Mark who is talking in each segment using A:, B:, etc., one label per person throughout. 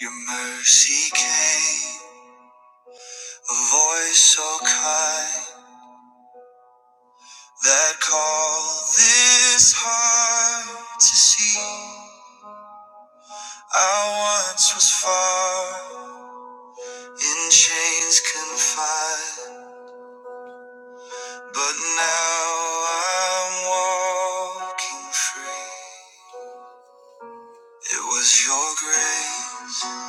A: Your mercy came, a voice so kind that called this heart to see. I once was far, in chains confined, but now I'm walking free. It was your grace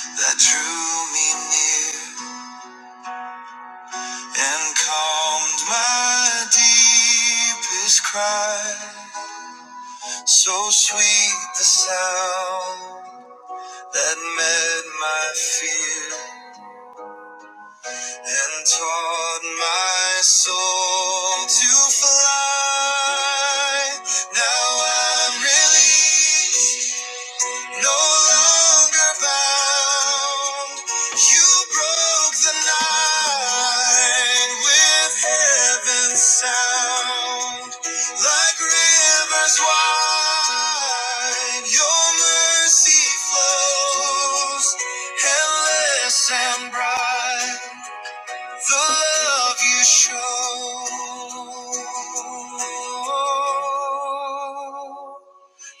A: that drew me near and calmed my deepest cry. So sweet the sound that met my fear and taught my soul to fly. Now I'm released. No longer bound, you broke the night with heaven's sound. Like rivers wide, your mercy flows, endless and bright. The love you show.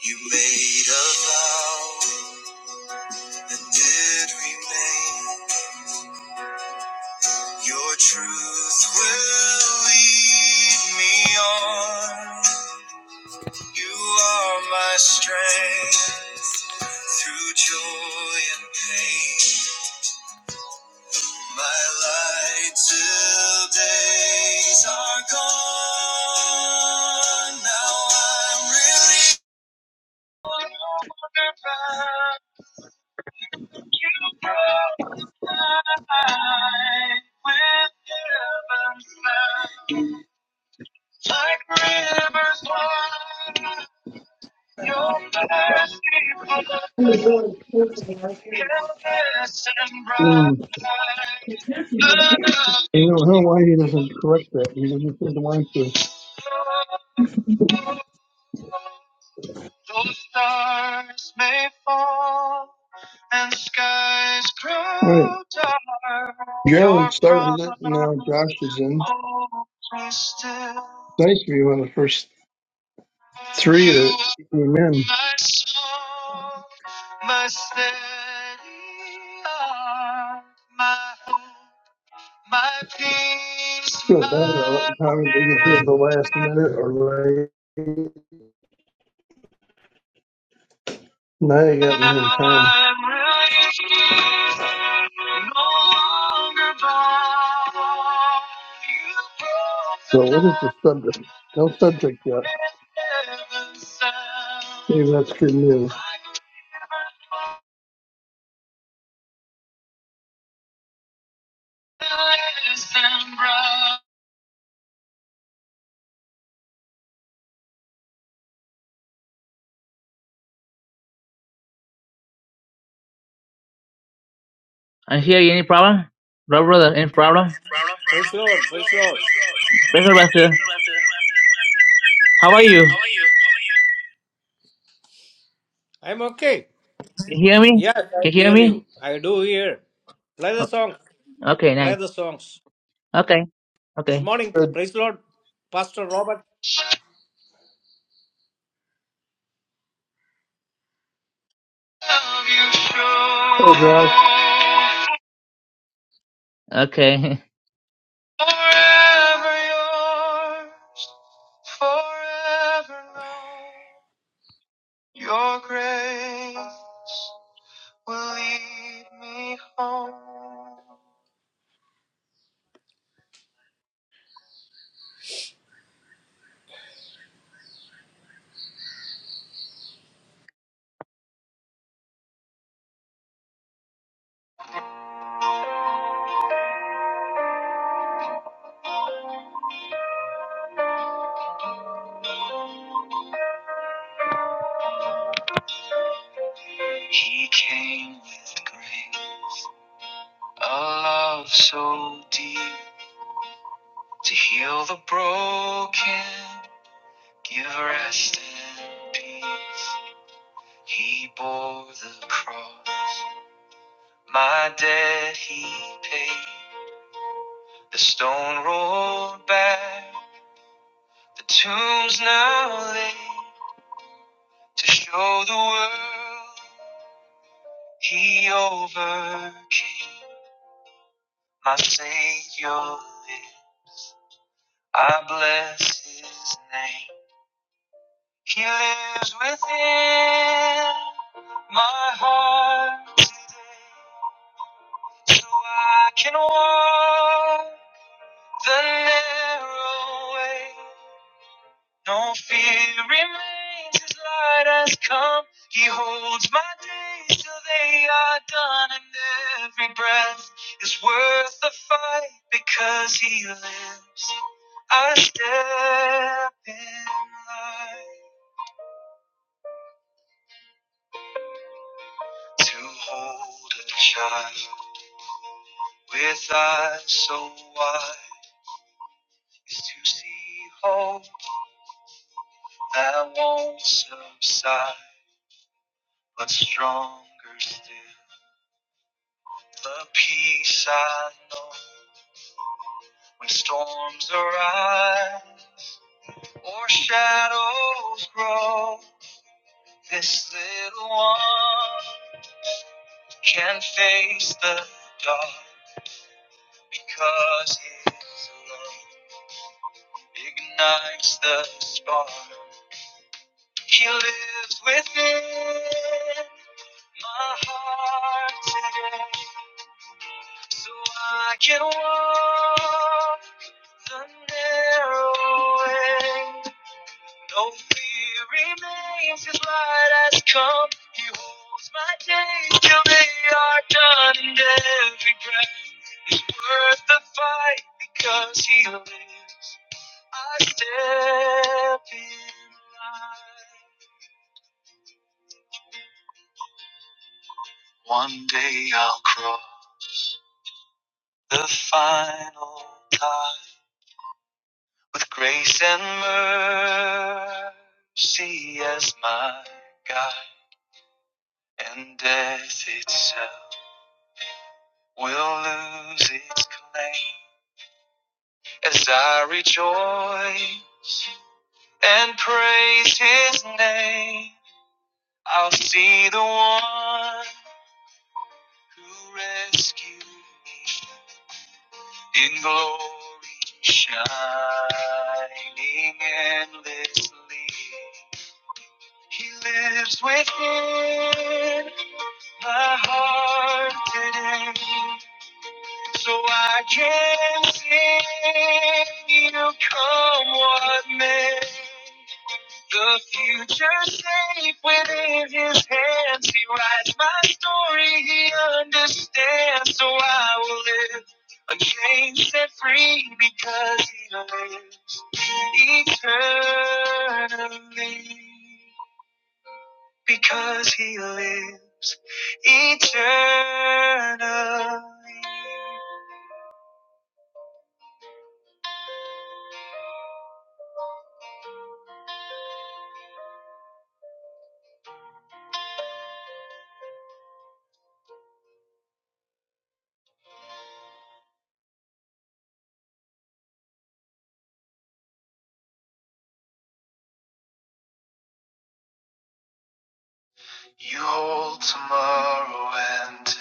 A: You made a vow that did remain. Your truth will lead me on. You are my strength through joy and pain. My light till days are gone. Now I'm really. about You broke my life with heaven's love. Like rivers wide, your mercy
B: Um, you know,
A: flows, endless and bright. The love
B: I
A: you
B: don't know why he doesn't correct that. He doesn't seem to want to.
A: Though stars may fall and skies
B: All right.
A: grow dark, your
B: Jared started it. Now
A: promise
B: Josh is in.
A: holds me still.
B: It's nice to be one of the first three that
A: You.
B: came in.
A: My soul, my steady heart, my hope, my peace,
B: Feel bad about lot
A: my
B: of times they get to
A: way.
B: the last minute or late. Now you got in their
A: Now
B: time.
A: I'm released, no longer bound. You broke the
B: So what is the subject?
A: night
B: No subject yet.
A: with heaven's
B: Maybe that's
A: sound,
B: good news.
A: like rivers endless and brown. I hear you. any problem? Bro, brother, any problem?
C: Praise the Lord. Praise the Lord.
A: Breaker Buster, how are
C: How
A: you?
C: are you? I'm okay.
A: Can you hear me?
C: Yes, I
A: Can you hear
C: hear you.
A: me?
C: I do hear. Play the
A: Oh,
C: song.
A: okay, nice.
C: Play the songs.
A: Okay,
C: Good
A: okay,
C: morning.
B: Good.
C: Praise the Lord. Pastor Robert.
B: Oh, Josh.
A: okay. Forever yours, forever known. Your grace will lead me home. He came with grace, a love so deep to heal the broken. Give rest and peace. He bore the cross. My debt he paid. The stone rolled back. The tomb's now laid. To show the world he overcame. My Savior lives. I bless his name. He lives within my heart today. So I can walk the narrow way. No fear remains, his light has come. He holds my days till they are done, and every breath is worth the fight because he lives. I step in light to hold a child with eyes so wide is to see hope that won't subside, but stronger still. The peace I know when storms arise or shadows grow. This little one can face the dark because his love ignites the spark. He lives within my heart today. So I can walk the narrow way. No fear remains, his light has come. He holds my days till they are done, and every breath worth the fight because he lives. I step in line. One day I'll cross the final tide. with grace and mercy as my guide, and death itself will lose its claim as I rejoice and praise His name. I'll see the one who rescued me in glory, shining endlessly. He lives within my heart today. So I can sing, you come what may. The future safe within his hands. He writes my story, he understands. So I will live unchanged, set free because he lives eternally because he lives eternally. You hold tomorrow and today.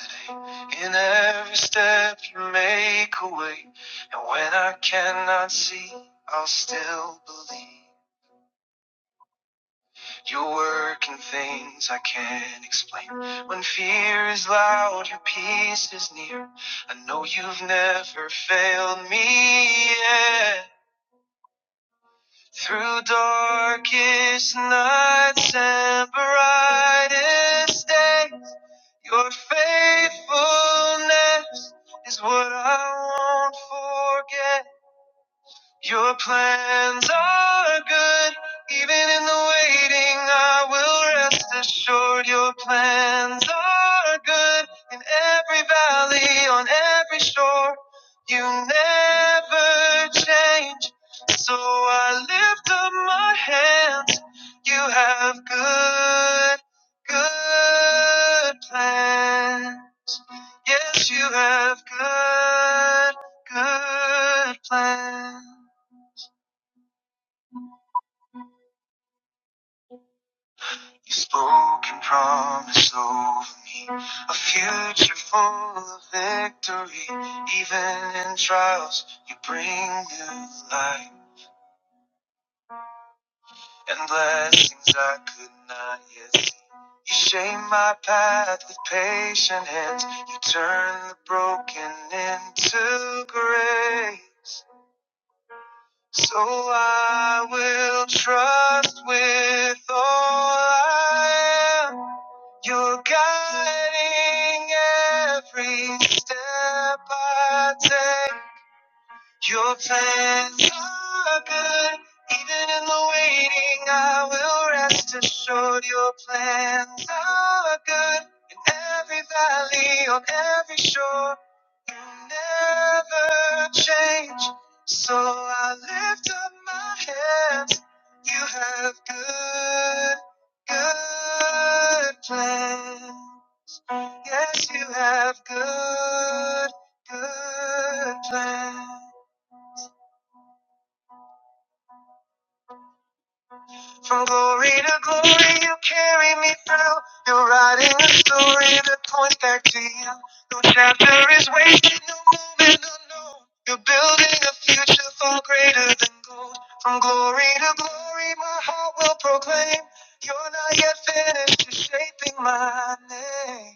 A: In every step you make a way. And when I cannot see, I'll still believe. You're working things I can't explain. When fear is loud, your peace is near. I know you've never failed me yet. Through darkest nights and brightest days, your faithfulness is what I won't forget. Your plans are good, even in the waiting, I will rest assured. Your plans are good in every valley, on every shore. You never change, so I lift up my hands. You have good, good plans. Yes, you have good, good plans. You've spoken promise over me, a future full of victory. Even in trials, you bring new light and blessings I could not yet see. You shape my path with patient hands. You turn the broken into grace. So I will trust with all I am. You're guiding every step I take. Your plans are good, even in the waiting. I will rest assured. Your plans are good in every valley, on every shore. You never change, so I lift up my hands. You have good, good plans. Yes, you have good, good plans. From glory to glory, you carry me through. You're writing a story that points back to you. No chapter is wasted, no moment unknown. You're building a future far greater than gold. From glory to glory, my heart will proclaim. You're not yet finished, you're shaping my name.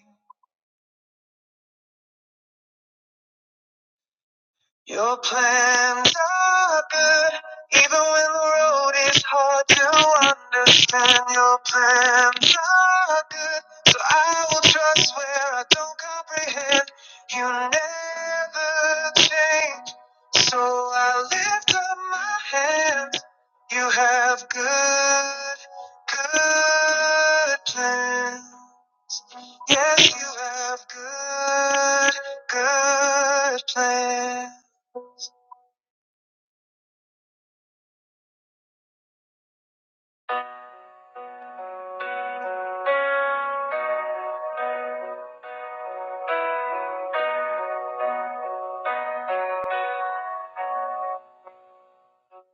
A: Your plans are good, even when the road is hard to understand. Your plans are good, so I will trust where I don't comprehend. You never change, so I lift up my hands. You have good, good plans. Yes, you have good, good plans.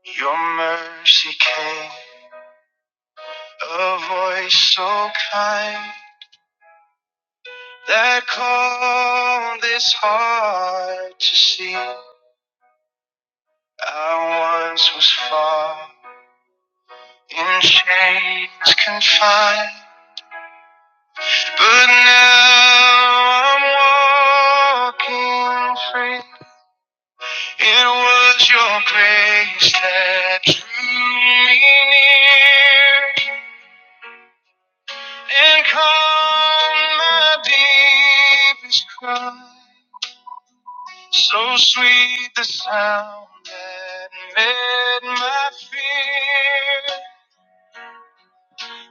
A: Your mercy came, a voice so kind that called this heart to see. I once was far in chains confined, but now I'm walking free. It was your grace that drew me near. and calm my deepest cry. So sweet the sound that met my fear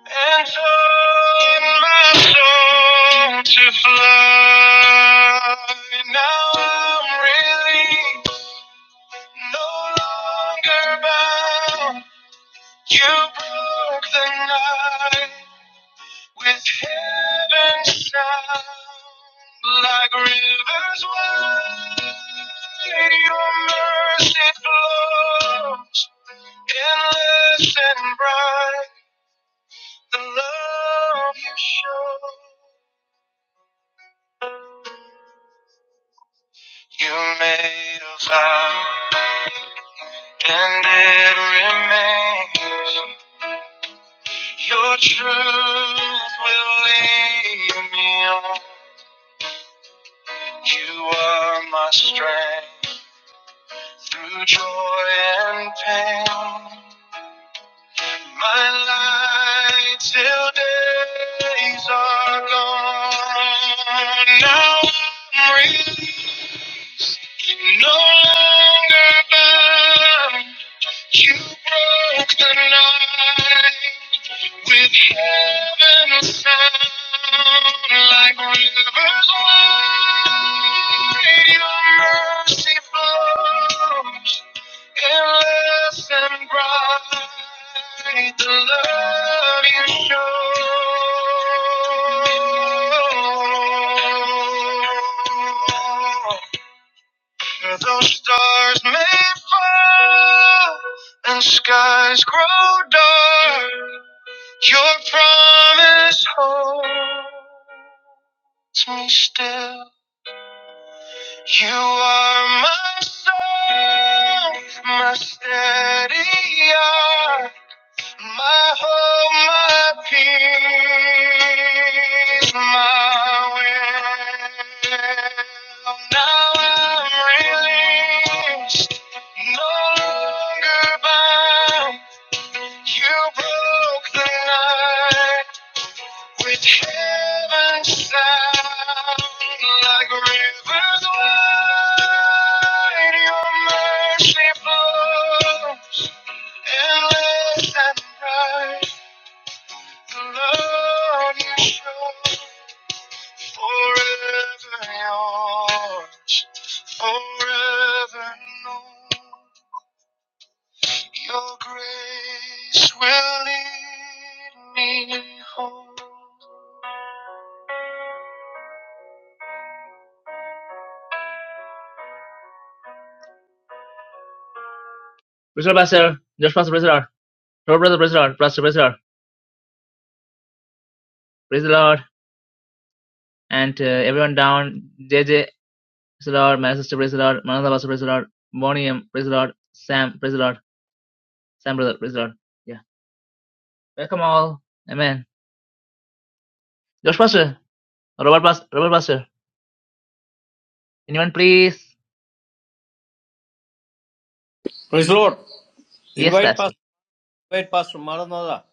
A: and taught my soul to fly. Now I'm released, no longer bound. You broke the night. With heaven sound like rivers wide, your mercy flows endless and bright. The love you show, you made a vow, and it remains. Your truth will lead me on. You are my strength. Through joy and pain, my light till days are gone. Now I'm released, no longer bound. You broke the night with heaven's sound, like rivers wide. Your mercy flows. Endless and bright, the love you show. Though stars may fall and skies grow dark, your promise holds me still. You are my soul, my steady eye, My home, my peace, my will. Now I'm released, no longer bound. You broke the night with heaven's sound, like rivers wide. Your mercy flows endless and bright. The love you show forever yours, forever known. Your grace will lead me home. Praise the Lord, Pastor. Just Pastor, praise the Lord. Lord, brother, praise the Lord. Pastor, praise the Lord. Praise the Lord. And uh, everyone down. JJ, praise the Lord. My sister, praise the Lord. Manada, Pastor, praise the Lord. Bonnie, um, praise the Lord. Sam, praise the Lord. Sam, brother, praise the Lord. Yeah. Welcome all. Amen. Josh Pastor. Robert Pastor. Robert Pastor. Anyone, please?
C: Praise the Lord.
A: Yes,
C: Invite
A: Pastor.
C: Pastor. Invite Pastor Maranatha.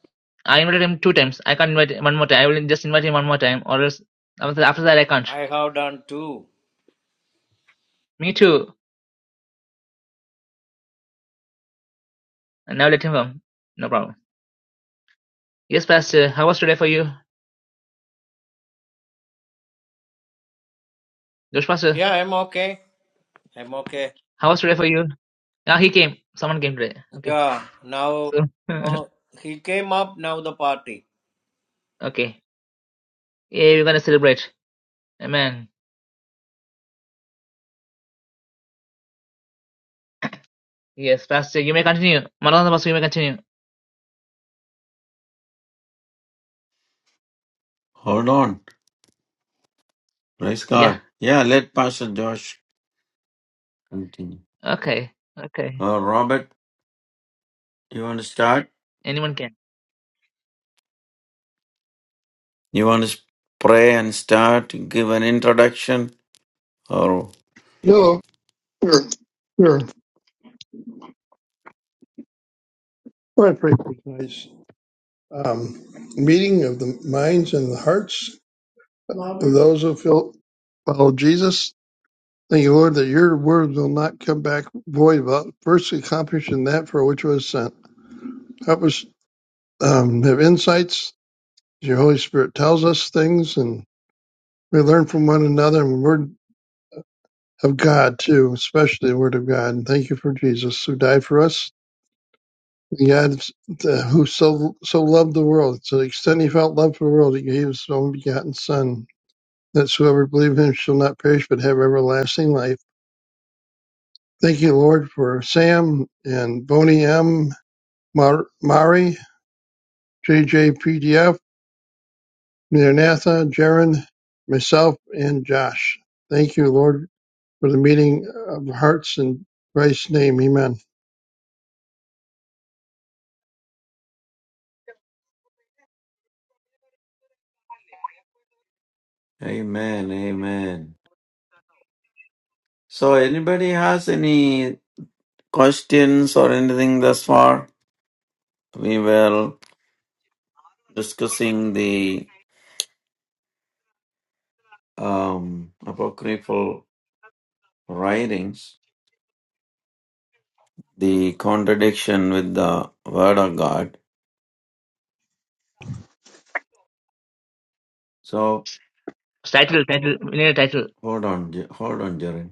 A: I invited him two times. I can't invite him one more time. I will just invite him one more time, or else after after that I can't.
C: I have done too.
A: Me too. And now let him come. No problem. Yes, Pastor. How was today for you, Josh Pastor?
C: Yeah, I'm okay. I'm okay.
A: How was today for you? Ah, he came. Someone came today. Okay.
C: Yeah. Now,
A: So
C: Oh, he came up. Now the party.
A: okay. Yeah, we're gonna celebrate. Amen. Yes, Pastor. You may continue. Maranatha Pastor, you may continue.
D: Hold on. Praise
A: Yeah.
D: God. Yeah, let Pastor Josh continue.
A: Okay. Okay.
D: Uh, Robert, you want to start?
A: Anyone can.
D: You want to s- pray and start, give an introduction? Or
B: Hello. Sure. All right, pretty nice. um, meeting of the minds and the hearts of those who feel, follow Jesus. Thank you, Lord, that your word will not come back void about first accomplishing that for which it was sent. Help us um, have insights. Your Holy Spirit tells us things, and we learn from one another and the word of God, too, especially the word of God. And thank you for Jesus who died for us. And God uh, who so so loved the world, to the extent he felt love for the world, he gave his own begotten Son that whoever believe him shall not perish but have everlasting life. Thank you, Lord, for Sam and Boney M, Mar- Mari, JJPDF, Maranatha, Jaron, myself, and Josh. Thank you, Lord, for the meeting of hearts in Christ's name. Amen.
D: Amen, amen. So, anybody has any questions or anything thus far? We were discussing the um, apocryphal writings, the contradiction with the Word of God. So,
A: Title. Title. We need a title.
D: hold on, Je- hold on, Jaren.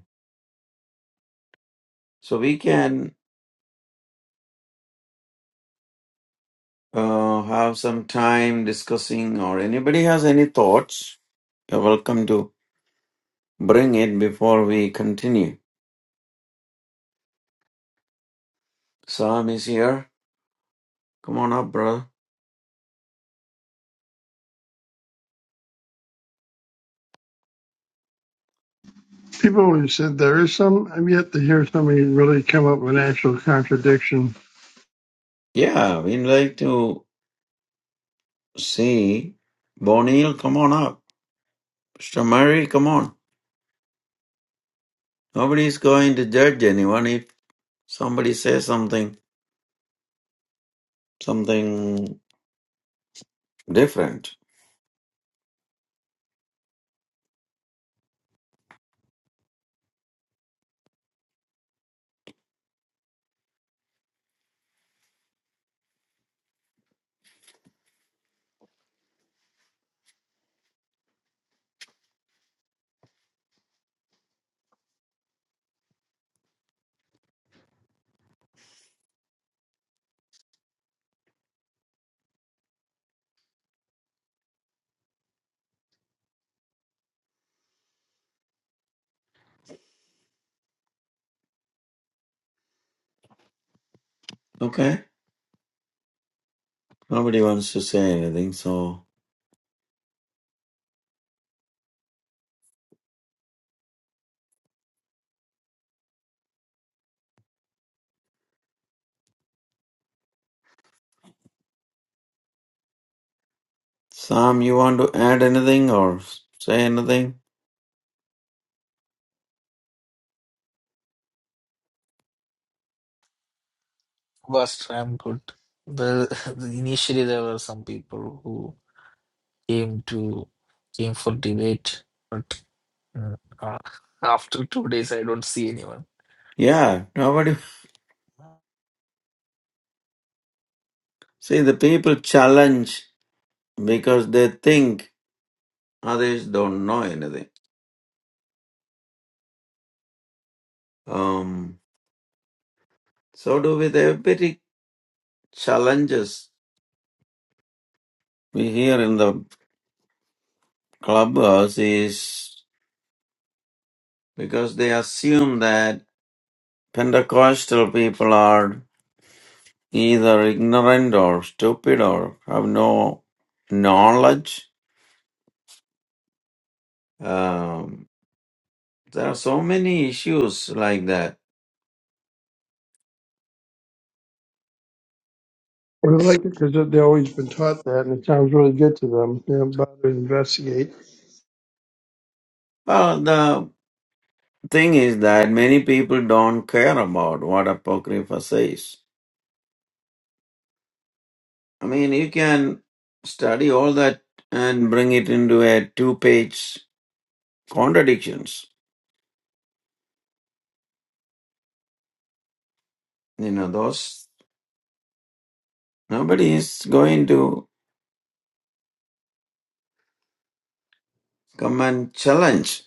D: So we can uh, have some time discussing, or anybody has any thoughts, you're welcome to bring it before we continue. Sam is here. Come on up, brother.
B: People who said there is some, I've yet to hear somebody really come up with an actual contradiction.
D: Yeah, we'd like to see Bonil. Come on up. Shamari, come on. Nobody's going to judge anyone if somebody says something, something different. Okay? Nobody wants to say anything. So, Sam, you want to add anything or say anything?
E: was I'm good. The, the initially there were some people who came to came for debate, but mm, uh, after two days I don't see anyone.
D: Yeah, nobody See, the people challenge because they think others don't know anything. Um, so do with every challenges we hear in the clubhouse is because they assume that Pentecostal people are either ignorant or stupid or have no knowledge. Um, there are so many issues like that.
B: But I like it because they've always been taught that, and it sounds really good to them. They don't bother to investigate.
D: Well, the. thing is that many people don't care about what Apocrypha says. I mean, you can study all that and bring it into a two page contradictions. You know, those nobody is going to come and challenge.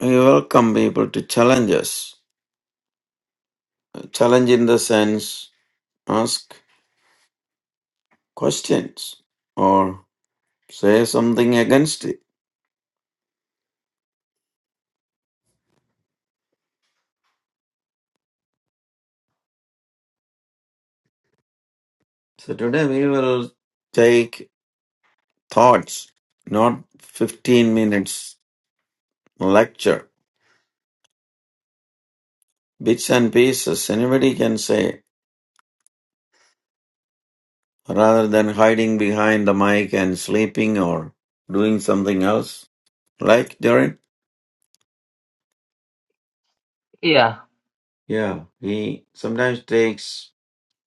D: We welcome people to challenge us. Challenge in the sense ask questions or say something against it. So today we will take thoughts, not 15 minutes Lecture, bits and pieces, anybody can say, rather than hiding behind the mic and sleeping or doing something else. Like Darren?
A: Yeah.
D: Yeah, he sometimes takes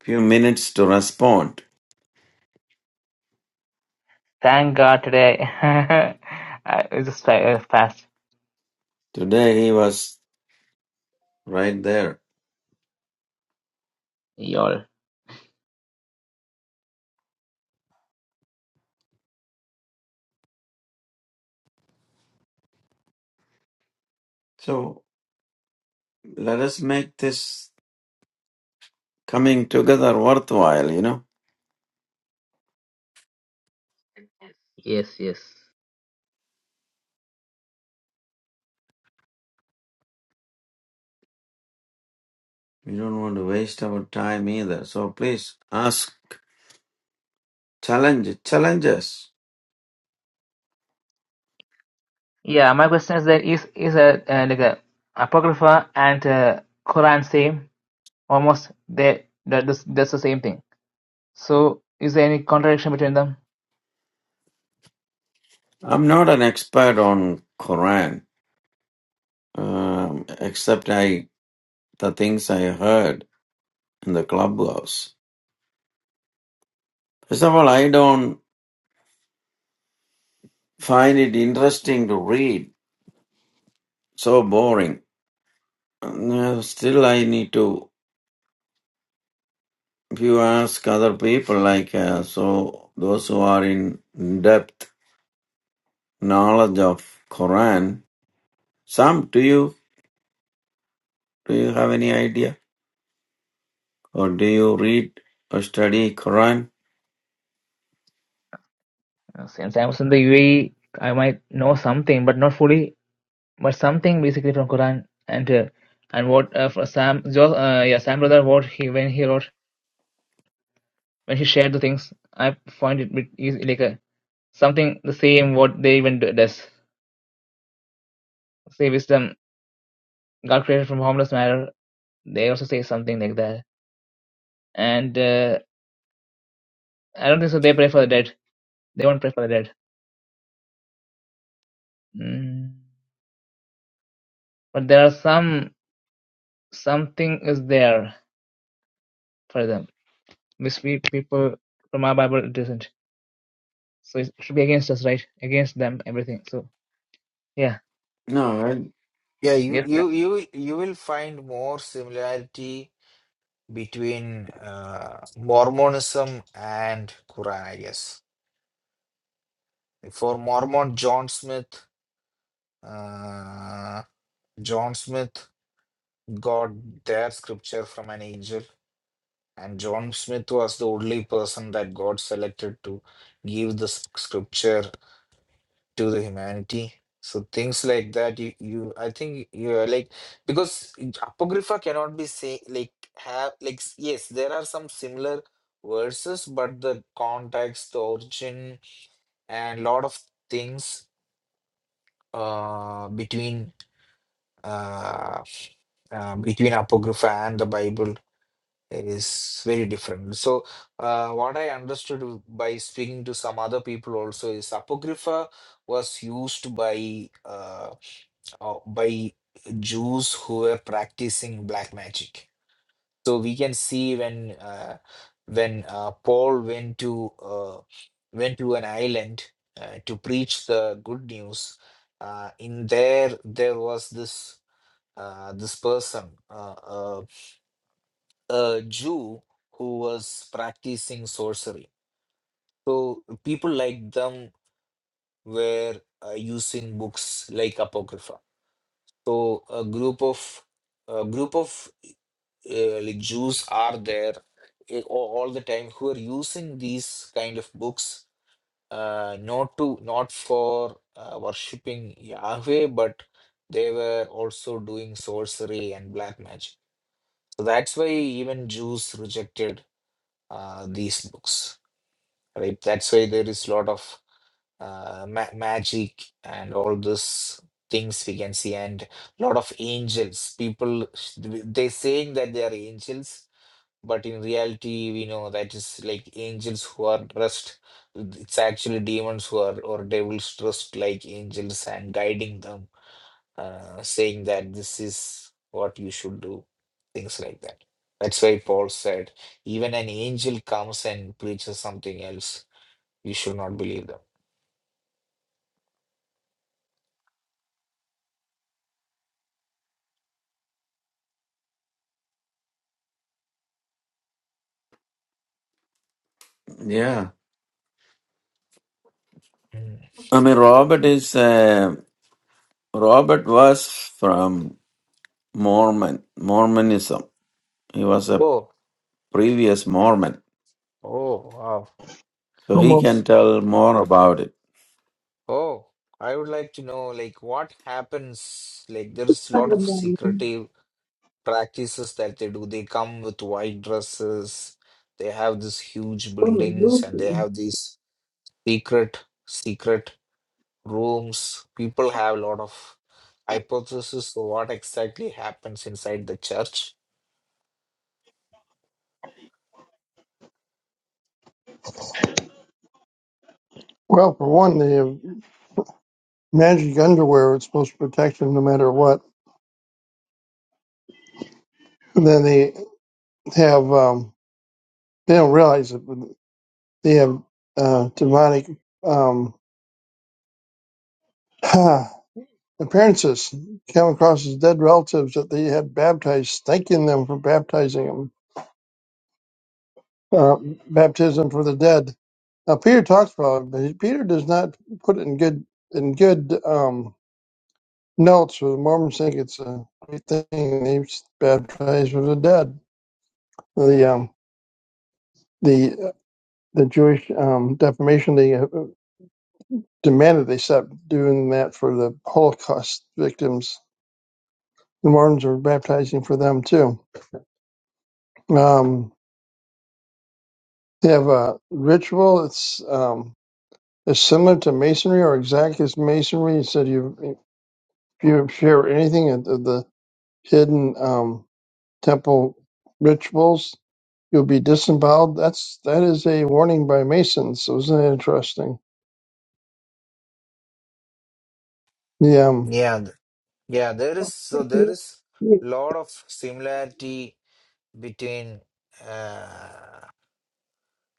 D: few minutes to respond.
A: Thank God today I I just fa- uh, fast,
D: Today he was right there.
A: y'all.
D: So let us make this coming together worthwhile, you know.
A: Yes, yes.
D: We don't want to waste our time either. So please ask, challenge, challenge us.
A: Yeah, my question is that is is a uh, like a apocrypha and uh, Quran same? Almost they that that's, that's the same thing. So is there any contradiction between them?
D: I'm not an expert on Quran um, except I the things I heard in the clubhouse. First of all, I don't find it interesting to read. So boring. Uh, Still, I need to. If you ask other people, like uh, so, those who are in depth knowledge of Quran, some do you do you have any idea, or do you read or study Quran?
A: Uh, Since I was in the UAE, I might know something, but not fully, but something basically from Quran and uh, and what uh, for Sam jo, uh, yeah Sam brother what he when he wrote when he shared the things I find it bit easy like a something the same what they even do- does. Say wisdom, God created from harmless matter. They also say something like that. And uh, I don't think so. They pray for the dead. They won't pray for the dead. Mm. But there are some something is there for them. Which we people from our Bible it isn't. So it should be against us, right? Against them, everything. So yeah,
D: No, I,
E: Yeah, you
A: yes, sir.
E: you you you will find more similarity between uh, Mormonism and Quran, I guess. For Mormon, John Smith, uh, John Smith got their scripture from an angel, And John Smith was the only person that God selected to give the s- scripture to the humanity. So things like that, you, you I think you are like because Apocrypha cannot be say like have like s- yes, there are some similar verses, but the context, the origin, and lot of things uh between uh, uh between Apocrypha and the Bible It is very different. So, uh, what I understood w- by speaking to some other people also is Apocrypha was used by uh, uh, by Jews who were practicing black magic. So we can see when uh, when uh, Paul went to uh, went to an island uh, to preach the good news. Uh, in there, there was this uh, this person. Uh, uh, a Jew who was practicing sorcery. So people like them were uh, using books like Apocrypha. So a group of a group of uh, like Jews are there eh, all all the time who are using these kind of books uh, not to not for uh, worshipping Yahweh, but they were also doing sorcery and black magic. So that's why even Jews rejected uh, these books. right? That's why there is a lot of uh, ma- magic and all those things we can see, and a lot of angels. People they saying that they are angels, but in reality, we know that is like angels who are dressed. It's actually demons who are or devils dressed like angels and guiding them, uh, saying that this is what you should do, things like that. That's why Paul said, even an angel comes and preaches something else you should not believe them.
D: yeah.
E: Mm.
D: I mean, Robert is uh, Robert was from Mormon, Mormonism. He was a
E: Oh,
D: previous Mormon,
E: oh, wow.
D: so he
B: Almost.
E: S-
D: can tell more about it.
E: Oh, I would like to know, like, what happens? Like, there is a lot of secretive practices that they do. They come with white dresses. They have these huge buildings,
B: Well,
E: and they have these secret, secret rooms. People have a lot of hypotheses of what exactly happens inside the church.
B: for one, they have magic underwear that's supposed to protect them no matter what. And then they have, um, they don't realize it, but they have uh, demonic um, appearances. Come across as dead relatives that they had baptized, thanking them for baptizing them, uh, baptism for the dead. Now, Peter talks about it, but Peter does not put it in good in good. Um, No, it's the Mormons think it's a great thing. They baptize the dead. The um the uh, the Jewish um defamation they uh, demanded they stop doing that for the Holocaust victims. The Mormons are baptizing for them too. Um, they have a ritual. It's um it's similar to Masonry or exact as Masonry. It said you if you share anything of the the hidden um temple rituals, you'll be disemboweled. That's that is a warning by Masons. So isn't that interesting? Yeah, um,
E: Yeah, th- yeah. There is so there is
B: yeah,
E: lot of similarity between uh,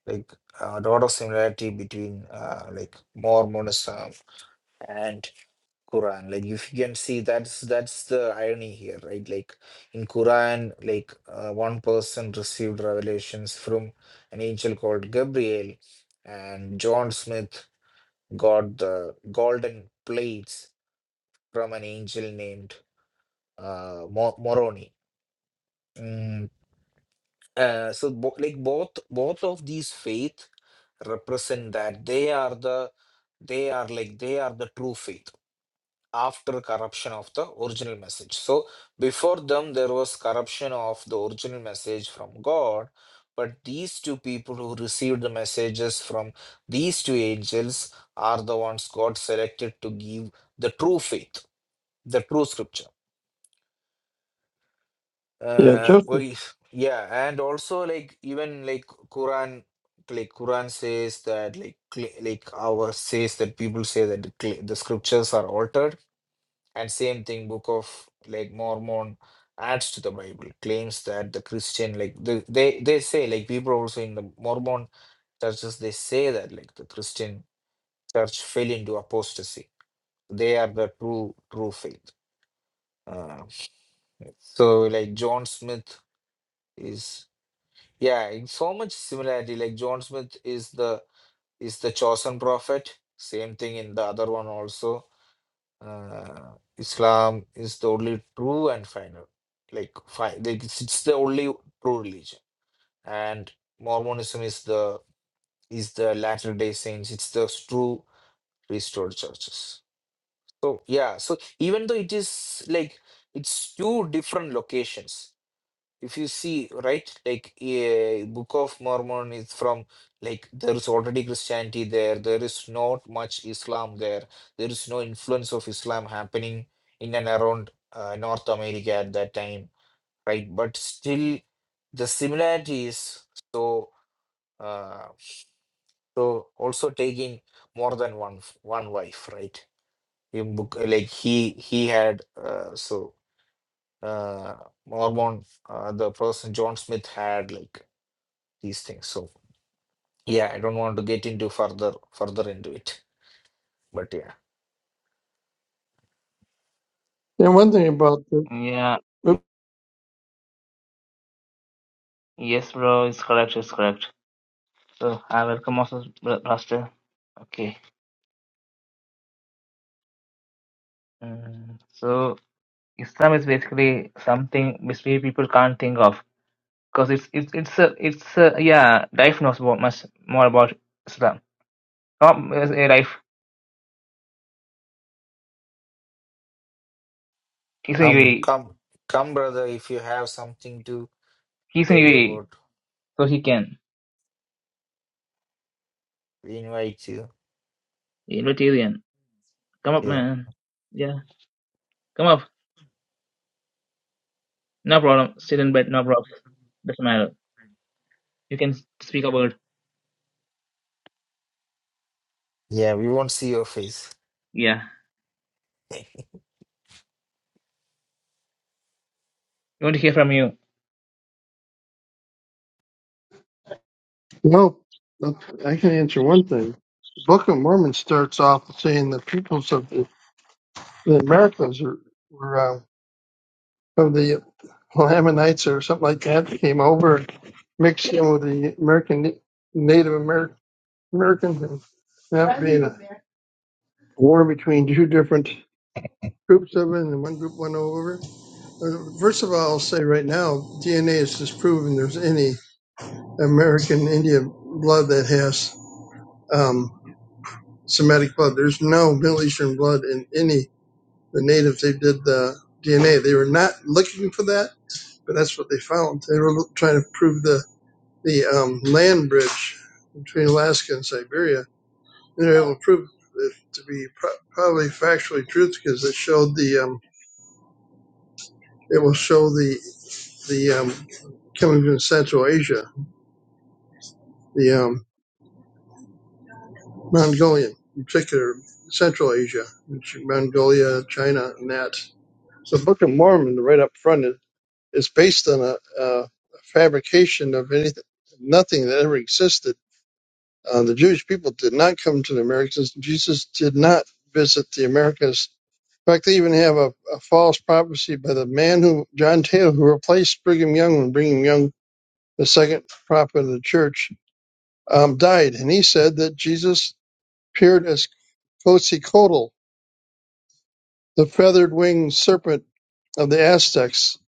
E: like uh, a lot of similarity between uh, like Mormonism and Quran. Like if you can see that's that's the irony here, right? Like in Quran, like uh, one person received revelations from an angel called Gabriel, and John Smith got the golden plates from an angel named uh, Mo- Moroni. Mm, Uh, so bo- like both both of these faith represent that they are the they are like they are the true faith after corruption of the original message so before them there was corruption of the original message from god but these two people who received the messages from these two angels are the ones god selected to give the true faith the true scripture Uh,
B: Just And
E: well, yeah, and also like even like Quran, like Quran says that like cl- like our says that people say that the, cl- the scriptures are altered, and same thing Book of like Mormon adds to the Bible claims that the Christian like the, they they say like people also in the Mormon churches they say that like the Christian church fell into apostasy. They are the true true faith. Uh, so like John Smith is. Yeah, in so much similarity, like John Smith is the is the chosen prophet. Same thing in the other one also. Uh, Islam is the only true and final. Like fi like it's, it's the only true religion. And Mormonism is the is the Latter Day Saints. It's the true restored churches. So yeah, so even though it is like it's two different locations if you see right like a book of mormon is from like there is already christianity there there is not much islam there there is no influence of islam happening in and around uh, north america at that time right but still the similarity is so uh, so also taking more than one f- one wife right in book like he he had uh, so uh, mormon uh, the person john smith had like these things. So yeah, I don't want to get into further further into it. But yeah.
B: one thing about the
A: yeah,
B: oops,
A: yes, bro. It's correct. It's correct. So I welcome also, bro- Pastor. Okay. Mm. So Islam is basically something which we people can't think of because it's it's it's a it's a yeah. Life knows about much more about Islam. Come up, uh, life. He's in
E: Um
A: UAE.
E: come come brother if you have something to
A: He's in
E: say
A: UAE,
E: about
A: so he can.
E: we invite you.
A: Libertarian. Come up,
E: You know.
A: man. Yeah, come up. No problem. Sit in bed. No problem. Doesn't matter. You can speak a word.
E: Yeah, we won't see your face.
A: Yeah. We want to hear from you.
B: no, no, I can answer one thing. The Book of Mormon starts off saying the peoples of the, the Americas are, were uh, of the Lamanites or something like that came over, mixed in with the American Native Amer- Americans, and that being a war between two different Group seven and one group one over. Uh, First of all, I'll say right now, DNA is disproven. There's any American Indian blood that has um, Semitic blood. There's no Middle Eastern blood in any the natives. They did the DNA. They were not looking for that, but that's what they found. They were lo- trying to prove the the um, land bridge between Alaska and Siberia. And they were able to prove it to be pro- probably factually truth because it showed the um, it will show the the um, coming from Central Asia, the um, Mongolian, in particular Central Asia, which Mongolia, China, and that. So the Book of Mormon, right up front, is, is based on a, a fabrication of anything, nothing that ever existed. Uh, the Jewish people did not come to the Americas. Jesus did not visit the Americas. In fact, they even have a, a false prophecy by the man who, John Taylor, who replaced Brigham Young when Brigham Young, the second prophet of the church, um, died, and he said that Jesus appeared as Quetzalcoatl, the feathered winged serpent of the Aztecs,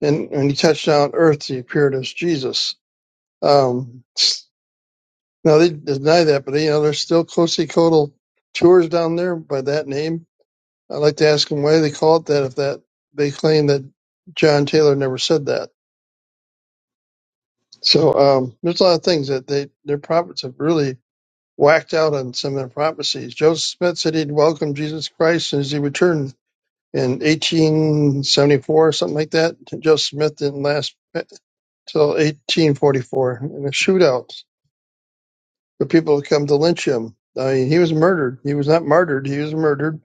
B: and when he touched down Earth, he appeared as Jesus. Um, now they deny that, but you know there's still Quetzalcoatl tours down there by that name. I'd like to ask them why they call it that if that they claim that John Taylor never said that. So um, there's a lot of things that they their prophets have really whacked out on some of their prophecies. Joseph Smith said he'd welcome Jesus Christ as he returned in 1874, something like that. Joseph Smith didn't last till 1844 in a shootout where people would come to lynch him. I mean, he was murdered. He was not martyred. He was murdered.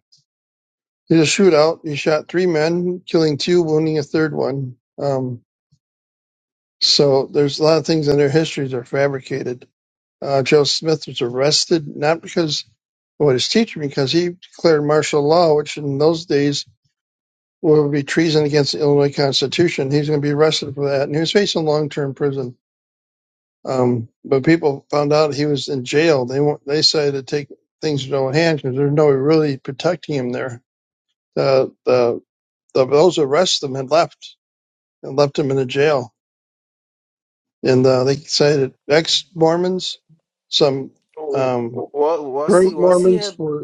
B: He was a shootout. He shot three men, killing two, wounding a third one. Um, so there's a lot of things in their histories that are fabricated. uh, Joe Smith was arrested not because well his teacher because he declared martial law, which in those days would be treason against the Illinois Constitution. He's going to be arrested for that, and he was facing long term prison. Um, but people found out he was in jail. They want, they decided to take things into their own hands because there's no way really protecting him there. The, the the those who arrested him had left and left him in a jail, and uh, they decided ex Mormons, some
E: Oh
B: um,
E: wa- was he
B: great
E: was he
B: Mormons
E: a
B: were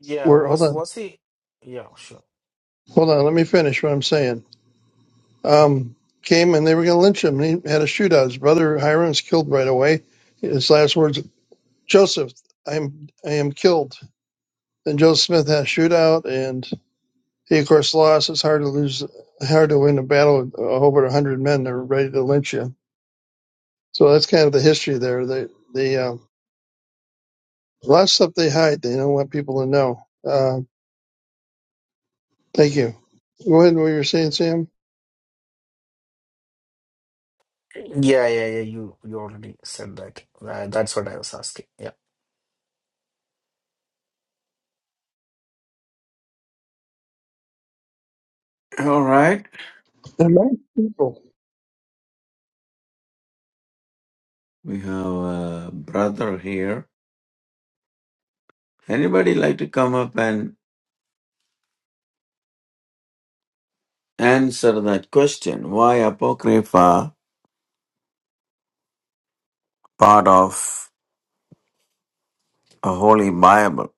E: yeah,
B: We're hold
E: was
B: on,
E: was he yeah, sure.
B: hold on. Let me finish what I'm saying. Um, came and they were going to lynch him. And he had a shootout. His brother Hiram was killed right away. His last words, "Joseph, I'm I am killed." Then Joseph Smith had a shootout, and he of course lost. It's hard to lose, hard to win a battle with over a hundred men. They're ready to lynch you. So that's kind of the history there. They they uh, a lot of stuff they hide. They don't want people to know. Uh, thank you. Go ahead. What you were saying, Sam?
E: Yeah, yeah, yeah. You you already said that. Uh, that's what I was asking. Yeah.
D: All right,
B: They're evil.
D: we have a brother here. Anybody like to come up and answer that question? Why Apocrypha part of a Holy Bible?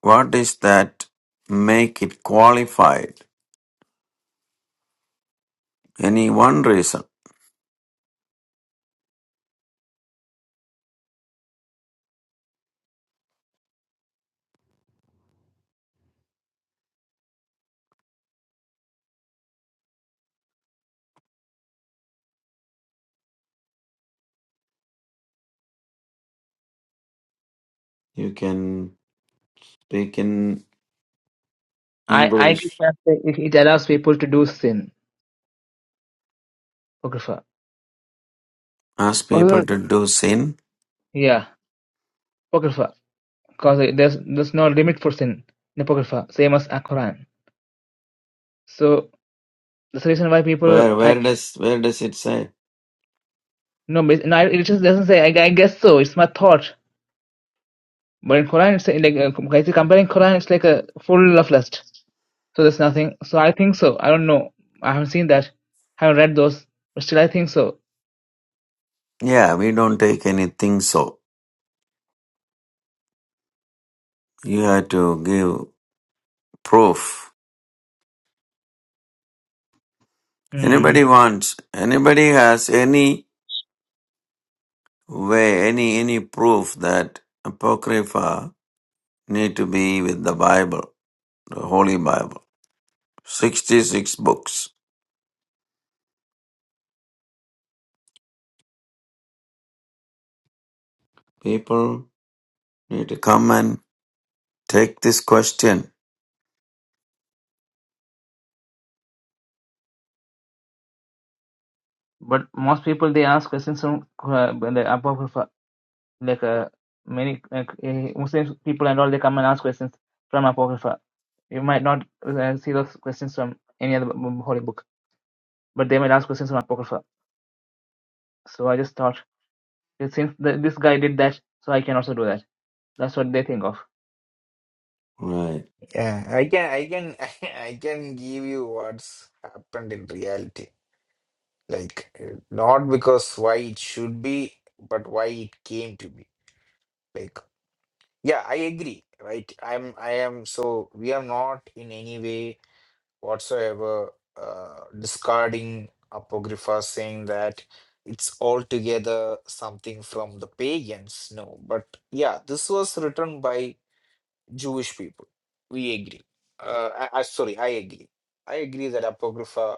D: What is that make it qualified? Any one reason? You can speak in
A: I I give
D: English.
A: chance. that It, it allows people to do sin. Apocrypha.
D: Ask
B: Why
D: people
B: The
D: to do sin.
A: Yeah. Apocrypha. because there's there's no limit for sin in apocrypha, same as a Quran. So that's the reason why people
D: Where
A: I
D: where does where does it say?
A: no, but- no it just doesn't say. I, I guess so. It's my thought. But in Quran, it's like uh, guys, comparing Quran, it's like a full of lust. So there's nothing. So I think so. I don't know. I haven't seen that. I haven't read those. But still, I think so.
D: Yeah, we don't take anything so. You have to give proof.
A: Hmm.
D: Anybody wants, anybody has any way, any, any proof that Apocrypha need to be with the Bible, the Holy Bible. 66 books. People need to come and take this question.
A: But most people they ask questions from uh, the apocrypha. like uh, many like uh, Muslim people and all they come and ask questions from Apocrypha. You might not uh, see those questions from any other b- holy book, but they might ask questions from Apocrypha. So I just thought that since th this guy did that, so I can also do that. That's what they think of.
D: Right.
E: Yeah. I can I can I can give you what's happened in reality. like uh, not because why it should be but why it came to be like yeah i agree right i'm i am so we are not in any way whatsoever uh, discarding apocrypha saying that it's altogether something from the pagans no but yeah this was written by jewish people we agree uh, I, I sorry i agree i agree that apocrypha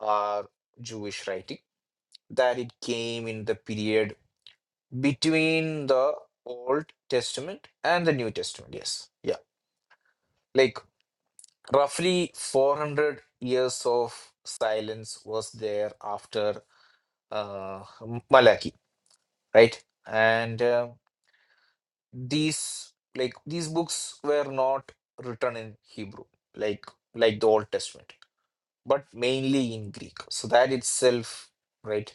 E: are jewish writing that it came in the period between the Old Testament and the New Testament. Yes. Yeah. Like roughly 400 years of silence was there after uh, Malachi, right? And uh, these like these books were not written in Hebrew, like like the Old Testament, but mainly in Greek. So that itself, right?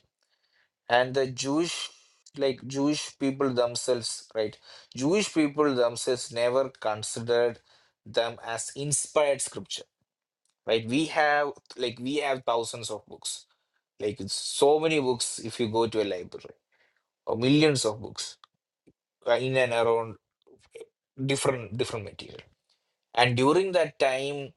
E: and the Jewish like Jewish people themselves, right? Jewish people themselves never considered them as inspired scripture, right? We have like we have thousands of books, like it's so many books if you go to a library, or millions of books uh, in and around different different material. And during that time,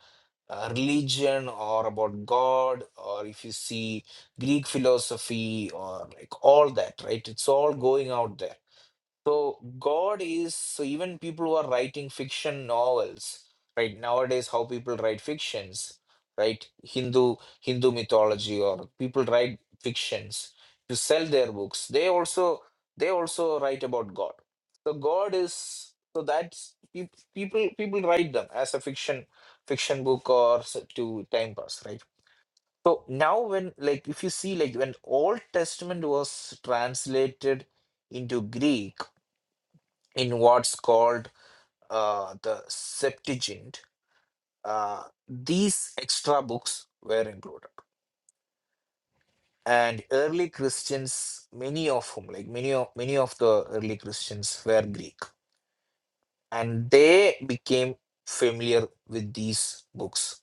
E: uh, religion or about God, or if you see Greek philosophy or like all that, right? It's all going out there So God is so even people who are writing fiction novels, right? Nowadays, how people write fictions, right? Hindu Hindu mythology or people write fictions to sell their books. They also they also write about God. So God is so that's peop- people people write them as a fiction fiction book or s- to time pass, right? So now when like if you see like when Old Testament was translated into Greek in what's called uh, the Septuagint, uh, these extra books were included. And early Christians, many of whom, like many of many of the early Christians, were Greek, and they became familiar with these books.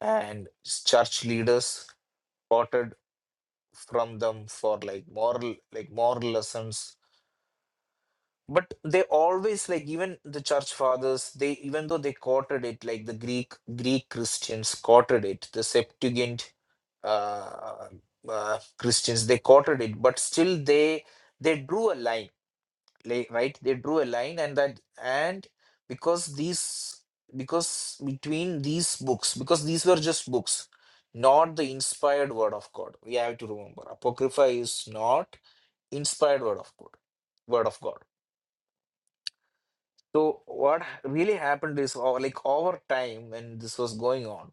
E: And church leaders quoted from them for like moral, like moral lessons But they always like even the church fathers, they even though they quoted it, like the Greek Greek Christians quoted it, the Septuagint uh, uh, Christians, they quoted it, but still they they drew a line, like, right? They drew a line, and that and because these because between these books, because these were just books, not the inspired word of God. We have to remember, Apocrypha is not inspired word of God, word of God So what ha- really happened is, o- like over time, when this was going on,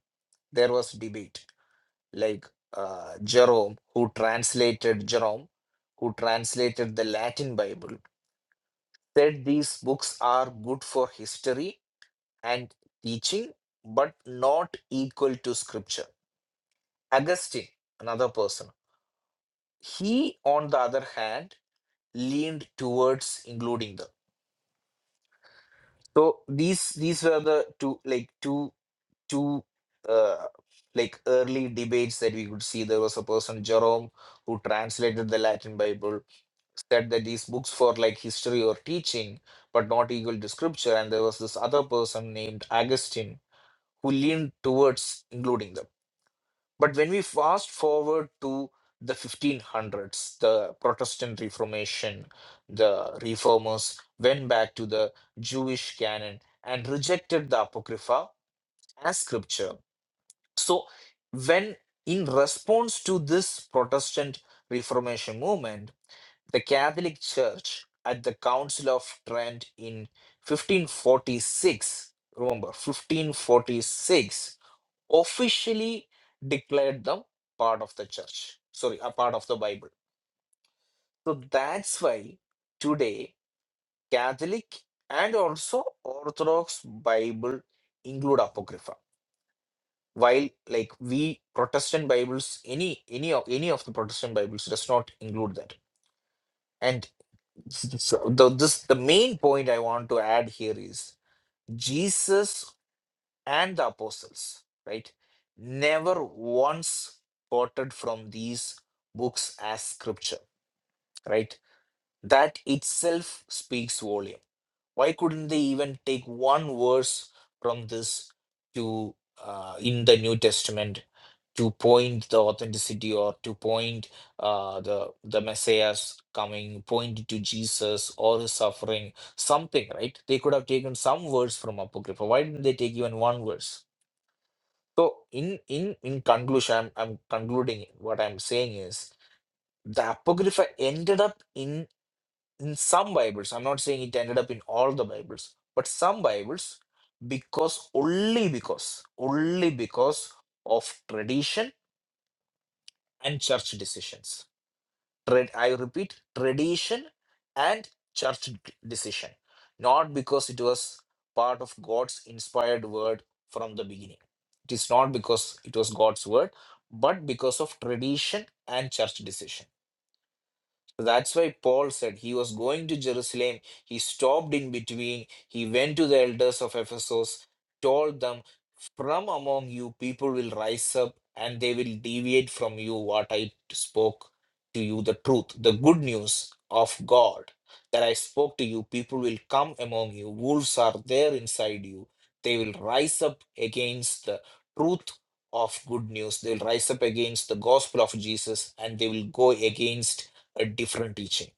E: there was debate. Like uh, Jerome, who translated Jerome, who translated the Latin Bible, said these books are good for history and teaching, but not equal to Scripture. Augustine, another person, he, on the other hand, leaned towards including them. So these these were the two like two two uh, like early debates that we could see there was a person jerome who translated the latin bible said that these books for like history or teaching but not equal to scripture and there was this other person named augustine who leaned towards including them but when we fast forward to the 1500s the protestant reformation the reformers went back to the jewish canon and rejected the apocrypha as scripture so, when in response to this Protestant Reformation movement, the Catholic Church at the Council of Trent in 1546, remember 1546, officially declared them part of the church, sorry, a part of the Bible. So that's why today Catholic and also Orthodox Bible include Apocrypha while like we protestant bibles any any of any of the protestant bibles does not include that and s- so the, this the main point i want to add here is jesus and the apostles right never once quoted from these books as scripture right that itself speaks volume Why couldn't they even take one verse from this to uh, in the New Testament to point the authenticity or to point uh, the the Messiah's coming, point to Jesus or his suffering, something, right? They could have taken some verse from Apocrypha. Why didn't they take even one verse? So in in in conclusion, I'm, I'm concluding what I'm saying is the Apocrypha ended up in in some Bibles, I'm not saying it ended up in all the Bibles, but some Bibles, because only because, only because of tradition and church decisions. Trad- I repeat, tradition and church d- decision, not because it was part of God's inspired word from the beginning. It is not because it was God's word, but because of tradition and church decision. That's why Paul said he was going to Jerusalem. He stopped in between. He went to the elders of Ephesus, told them, From among you, people will rise up and they will deviate from you what I spoke to you the truth, the good news of God that I spoke to you. People will come among you. Wolves are there inside you. They will rise up against the truth of good news. They will rise up against the gospel of Jesus and they will go against a different teaching.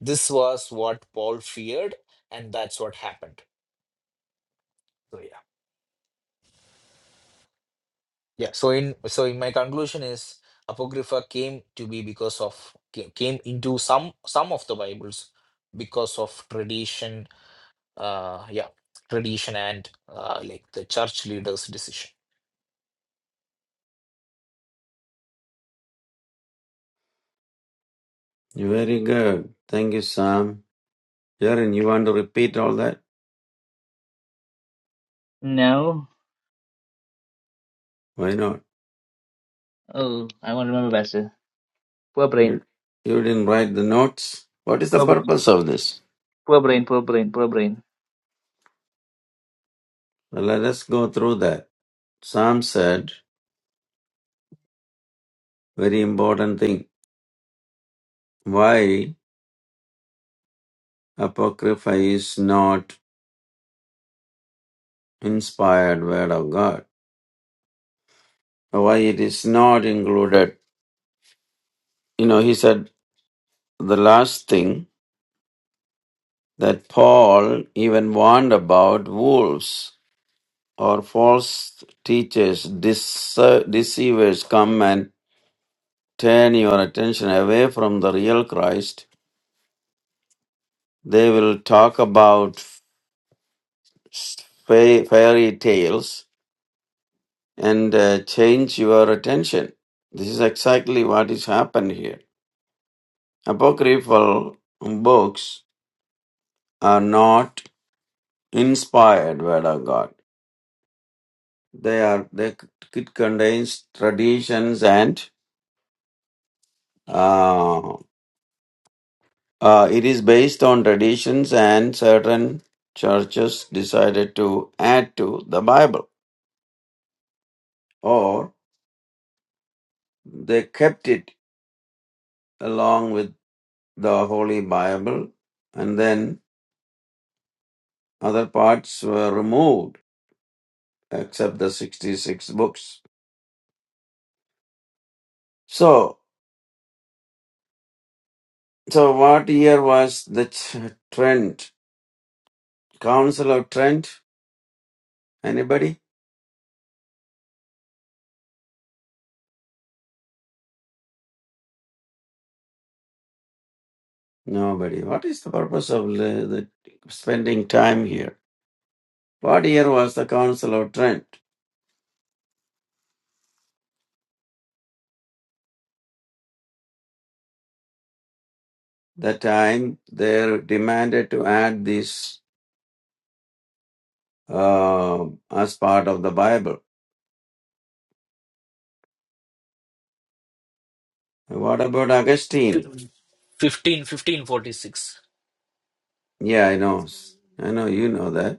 E: This was what Paul feared, and that's what happened. So yeah, yeah. So in so in my conclusion is apocrypha came to be because of ca- came into some some of the Bibles because of tradition. Uh, yeah, tradition and uh, like the church leaders' decision.
D: You're very good. Thank you, Sam. Jaren, you want to repeat all that?
A: No,
D: Why not?
A: oh, I won't remember, Pastor. Poor brain,
D: You, you didn't write the notes. What is the
A: poor brain,
D: purpose of this?
A: poor brain, poor brain, poor brain.
D: Now let us go through that. Sam said, very important thing, why Apocrypha is not inspired word of God. Why it is not included. You know, he said the last thing that Paul even warned about wolves or false teachers, dece- deceivers come and turn your attention away from the real Christ. They will talk about fa- fairy tales and uh, change your attention. This is exactly what is happened here. Apocryphal books are not inspired word of God. They are they it contains traditions and uh, uh, it is based on traditions and certain churches decided to add to the Bible or they kept it along with the Holy Bible and then other parts were removed except the 66 books. So, so what year was the Ch- Trent? Council of Trent? Anybody? Nobody. What is the purpose of the, the spending time here? What year was the Council of Trent? The time they demanded to add this uh, as part of the Bible. What about Augustine?
E: Fif- 15, fifteen forty-six.
D: Yeah, I know. I know you know that.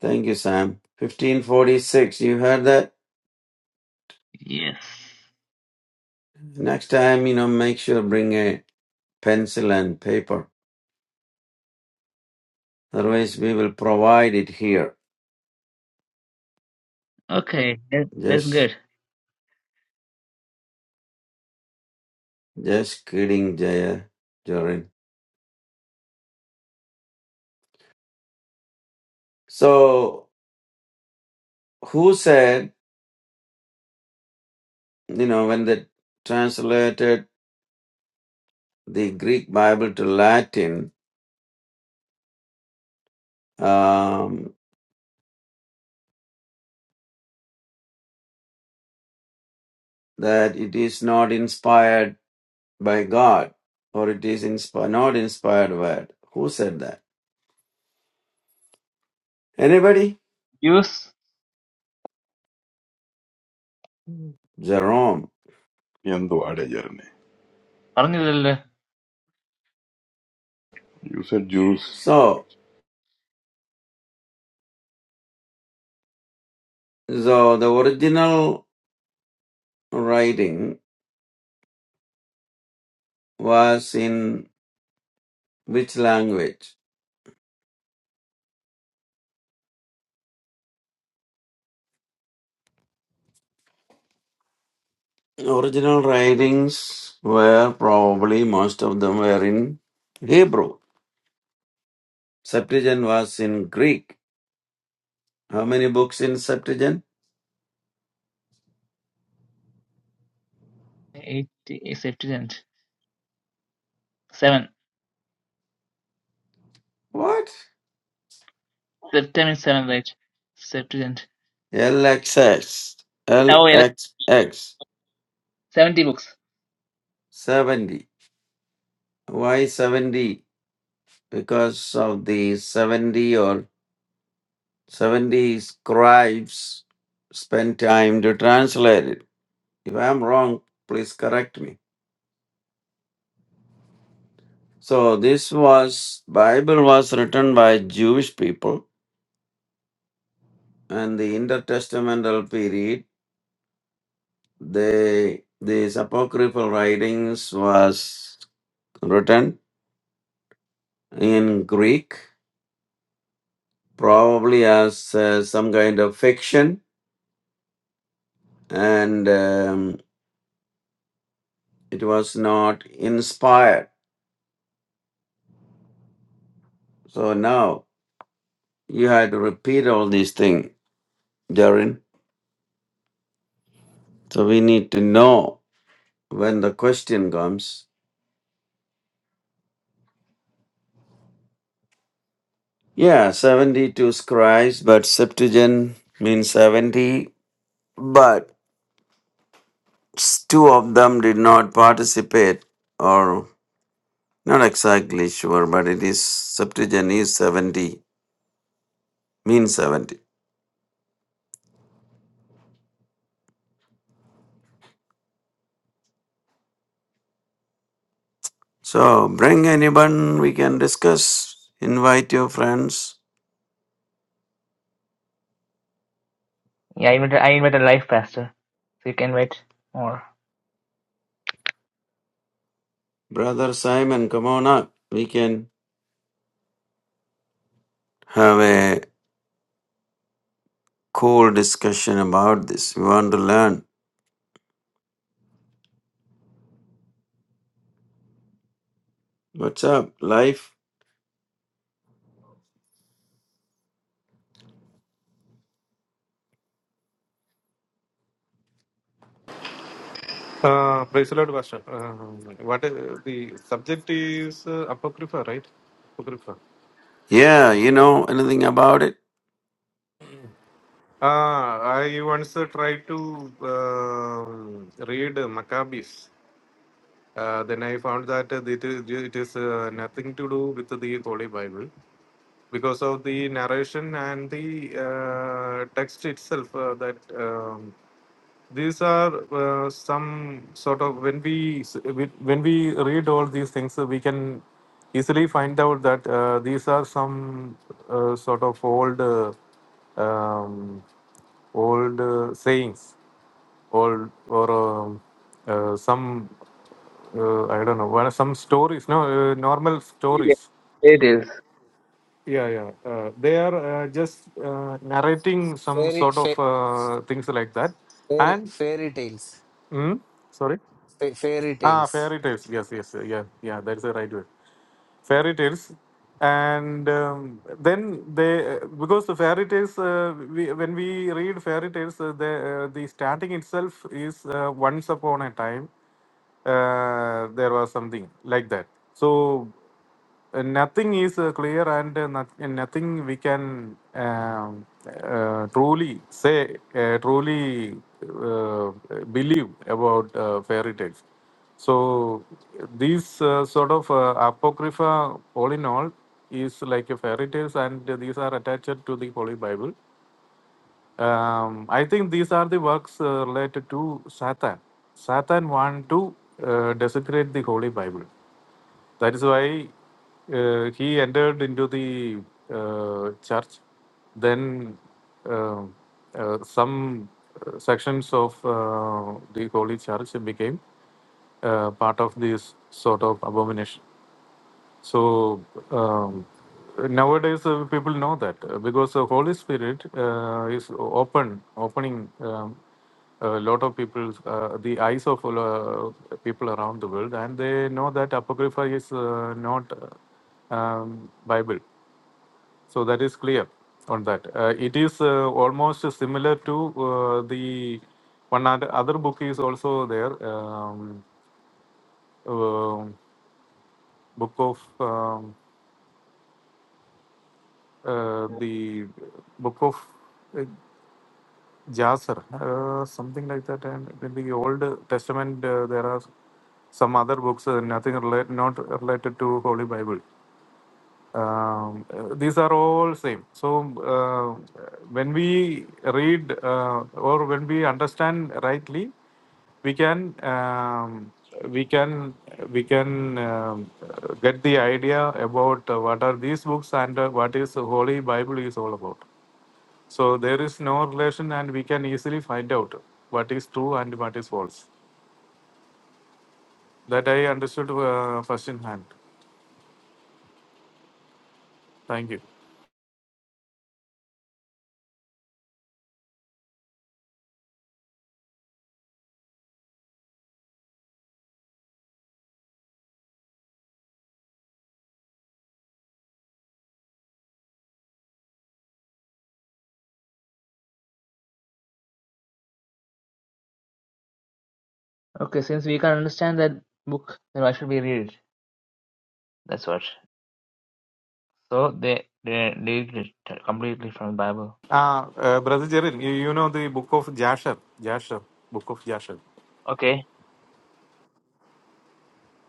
D: Thank you, Sam. 1546. You heard that?
A: Yes.
D: Next time, you know, make sure bring a pencil and paper. Otherwise, we will provide it here.
A: Okay, that, that's
D: Just,
A: good.
D: just kidding, Jaya, Jorin. So, who said, you know, when they translated the Greek Bible to Latin, um, that it is not inspired by God or it is inspi- not inspired word? Who said that? Anybody?
A: Use
D: Jerome.
F: Yendo Adeyarne.
A: പറഞ്ഞില്ലല്ലോ
F: You said Jules.
D: So, so the original writing was in which language? Original writings were probably most of them were in Hebrew. Septuagint was in Greek. How many books in Septuagint?
A: Eight seventy seven
D: What?
A: September seventh, right? Septuagint.
D: LXX.
A: Now we have
D: LXX.
A: seventy books.
D: 70. Why 70? Because of the 70 or 70 scribes spent time to translate it. If I'm wrong, please correct me. So this was Bible was written by Jewish people and the intertestamental period they these apocryphal writings was written in Greek probably as uh, some kind of fiction and um, it was not inspired. So now you had to repeat all these things, Jarin. So we need to know when the question comes Yeah, 72 scribes, but Septuagint means 70, but s- two of them did not participate, or not exactly sure, but it is Septuagint is 70, means 70. So bring anyone we can discuss, invite your friends.
A: Yeah, I invited, I invited a live pastor, so you can write more.
D: Brother Simon, come on up. We can have a cool discussion about this. We want to learn. What's up, life?
G: Uh, praise the Lord, Pastor. Um, what is, the subject is uh, Apocrypha, right? Apocrypha.
D: Yeah, you know anything about it?
G: Ah, I once uh, tried to um read Maccabees. Uh, then I found that uh, it is, it is uh, nothing to do with the Holy Bible because of the narration and the uh, text itself uh, that. Um, these are uh, some sort of when we s- we- when we read all these things uh, we can easily find out that uh, these are some uh, sort of old uh, um, old uh, sayings old or um, uh, some uh, i don't know what- some stories no uh, normal
A: It is.
G: stories
A: It is.
G: yeah yeah uh, they are uh, just uh, narrating some
E: Fairy,
G: sort of
E: fa-
G: uh, things like that
E: fairy,
G: and
E: fairy tales,
G: mm, sorry
E: fa- fairy
G: Ah,
E: tales.
G: fairy tales. Yes, yes, yeah, yeah. That's the right word. Fairy tales, and um, then they because the fairy tales. Uh, we, when we read fairy tales, uh, the uh, the starting itself is uh, once upon a time, uh, there was something like that. So uh, nothing is uh, clear and uh, not, and nothing we can um, uh, truly say, uh, truly uh, believe about uh, fairy tales. So these uh, sort of uh, apocrypha, all in all, is like a fairy tales, and these are attached to the Holy Bible um, I think these are the works uh, related to Satan. Satan want to uh, desecrate the Holy Bible. That is why uh, he entered into the uh, church. Then uh, uh, some uh, sections of uh, the Holy Church became uh, part of this sort of abomination. So um, nowadays uh, people know that uh, because the Holy Spirit uh, is open, opening um, a lot of people, uh, the eyes of uh, people around the world, and they know that Apocrypha is uh, not uh, um, Bible. So that is clear on that. Uh, it is uh, almost similar to uh, the one other, other book is also there, um, uh, book of. um, uh, the book of uh, Jasher, uh, something like that. And in the Old Testament, uh, there are some other books, uh, nothing relate, not related to Holy Bible. Um, uh, these are all same. So uh, when we read uh, or when we understand rightly, we can um, we can we can um, uh, get the idea about uh, what are these books and uh, what is the Holy Bible is all about. So there is no relation, and we can easily find out what is true and what is false. That I understood uh, first in hand. Thank you.
A: Okay, since we can understand that book, then why should we read it? That's what. So they they deleted it completely from the Bible.
G: Ah, uh, Brother Jeril, you, you know the book of Jasher, Jasher, book of Jasher.
A: Okay,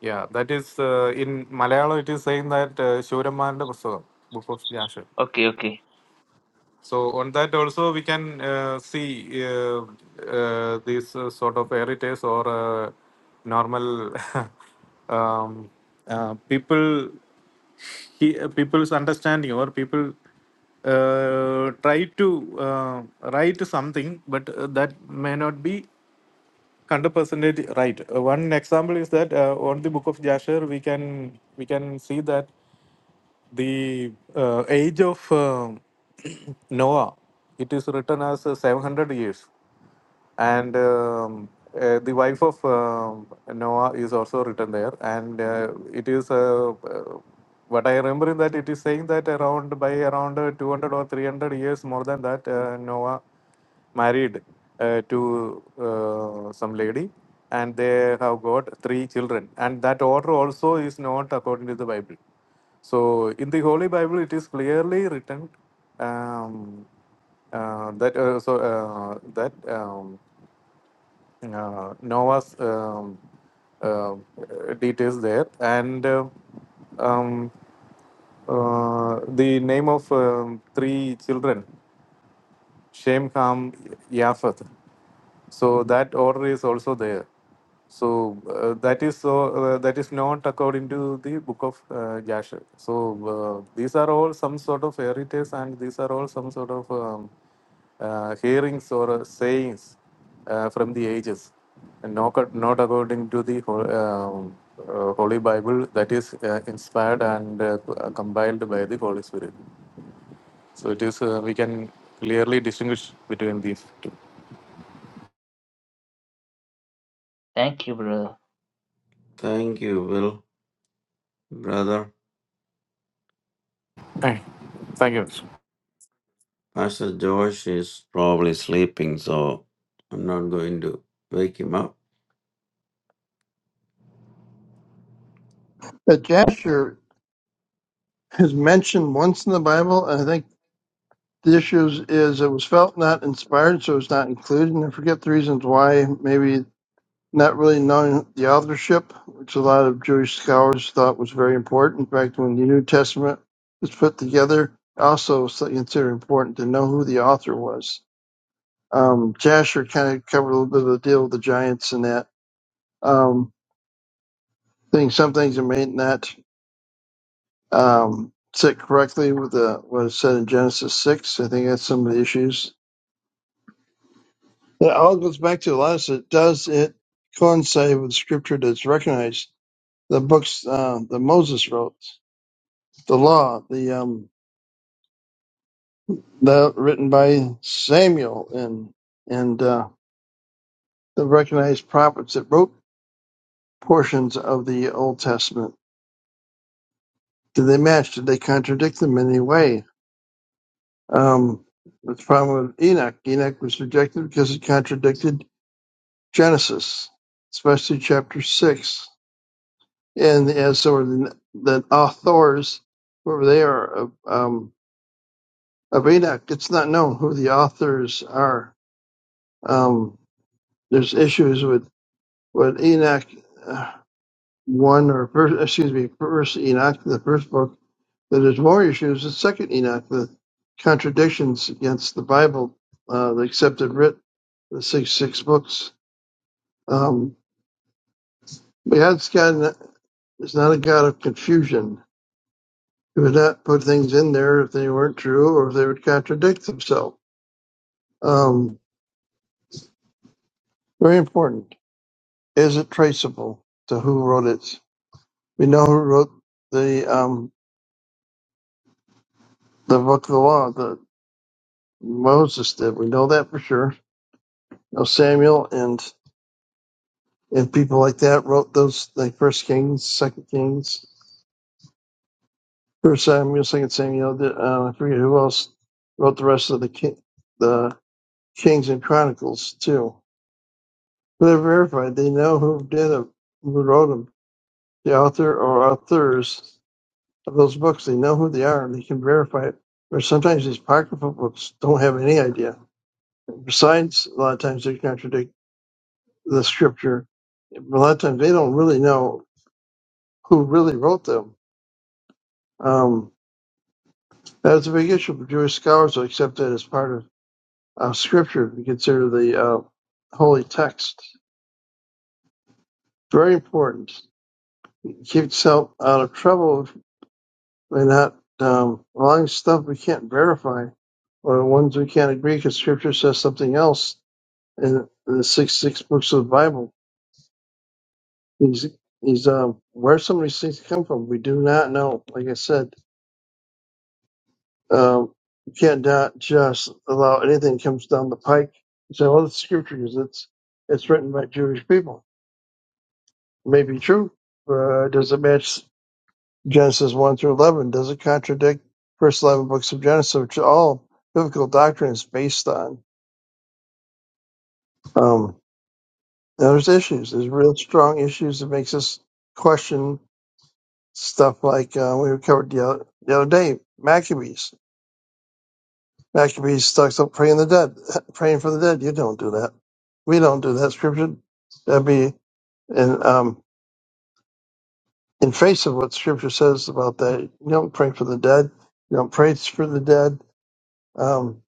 G: Yeah, that is uh, in Malayalam. It is saying that uh, Shuramanda Pustakam, book of Jasher.
A: okay, okay.
G: So on that also we can uh, see uh, uh, these uh, sort of heritage or uh, normal um, uh, people he, uh, people's understanding or people uh, try to uh, write something, but uh, that may not be hundred percent right. Uh, one example is that uh, on the book of Jasher we can we can see that the uh, age of um Noah, it is written as uh, 700 years and um, uh, the wife of um Noah is also written there, and uh, it is uh, uh, what I remember is that it is saying that around by around uh, 200 or 300 years more than that uh, Noah married uh, to uh, some lady, and they have got three children, and that order also is not according to the Bible. So in the Holy Bible, it is clearly written um, uh, that uh, so uh, that. Um, uh, Nova's um, uh, details there, and uh, um, uh, the name of um, three children, Shem, Ham, Yafet. So that order is also there. So uh, that is so uh, that is not according to the book of uh, Jasher. So uh, these are all some sort of fairy tales, and these are all some sort of um, uh, hearings or uh, sayings uh, from the ages, and not ac- not according to the ho- um, uh, Holy Bible that is uh, inspired and uh, compiled by the Holy Spirit. So it is uh, we can clearly distinguish between these two.
A: Thank you, brother.
D: Thank you, Will. Brother,
G: Thank you.
D: Pastor Josh is probably sleeping, so I'm not going to wake him up.
B: But Jasher is mentioned once in the Bible, and I think the issue is, is it was felt not inspired, so it's not included. And I forget the reasons why. Maybe not really knowing the authorship, which a lot of Jewish scholars thought was very important. In fact, when the New Testament was put together, also was considered important to know who the author was. Um, Jasher kind of covered a little bit of the deal with the giants and that um, thing. Some things it may not. um, said correctly with the, what it said in Genesis 6. I think that's some of the issues. It all goes back to a lot of this. it. Does it coincide with scripture that's recognized? The books uh, that Moses wrote, the law, the um, the written by Samuel, and and uh, the recognized prophets that wrote portions of the Old Testament. Did they match? Did they contradict them in any way? Um, the problem with Enoch. Enoch was rejected because it contradicted Genesis, especially chapter six, and as so are the, the authors, whoever they are of um, of Enoch, it's not known who the authors are. Um, there's issues with with Enoch uh, one or first, excuse me, first Enoch, the first book. But there's more issues with second Enoch, the contradictions against the Bible, uh, the accepted writ, the six six books. Um, but God's God is not a God of confusion He would not put things in there if they weren't true or if they would contradict themselves. Um, very important. Is it traceable to who wrote it? We know who wrote the um, the book of the law that Moses did. We know that for sure. You know, Samuel and and people like that wrote those like First Kings, Second Kings, First Samuel, Second Samuel. Uh, I forget who else wrote the rest of the ki- the Kings and Chronicles too They're verified. they know who did them, who wrote them, the author or authors of those books. They know who they are, and they can verify it. Or sometimes these apocryphal books don't have any idea. Besides, a lot of times they contradict the scripture. A lot of times they don't really know who really wrote them. Um, that's a big issue for Jewish scholars to accept that as part of uh, scripture. We consider the uh, holy text very important. Keep yourself out of trouble They're not um, allowing stuff we can't verify or ones we can't agree because Scripture says something else in the six six books of the Bible. He's he's um, where some of these things come from. We do not know. Like I said, um, you can't not just allow anything that comes down the pike. You say, "Well, it's Scripture because it's it's written by Jewish people." It may be true, but does it match? Genesis 1 through 11 doesn't contradict first 11 books of Genesis, which are all biblical doctrine is based on. Um, now there's issues. There's real strong issues that makes us question stuff like uh, we covered the other, the other day, Maccabees. Maccabees talks about praying the dead, praying for the dead. You don't do that. We don't do that. Scripture that'd be in um, in face of what Scripture says about that. You don't pray for the dead. You don't pray for the dead. Um,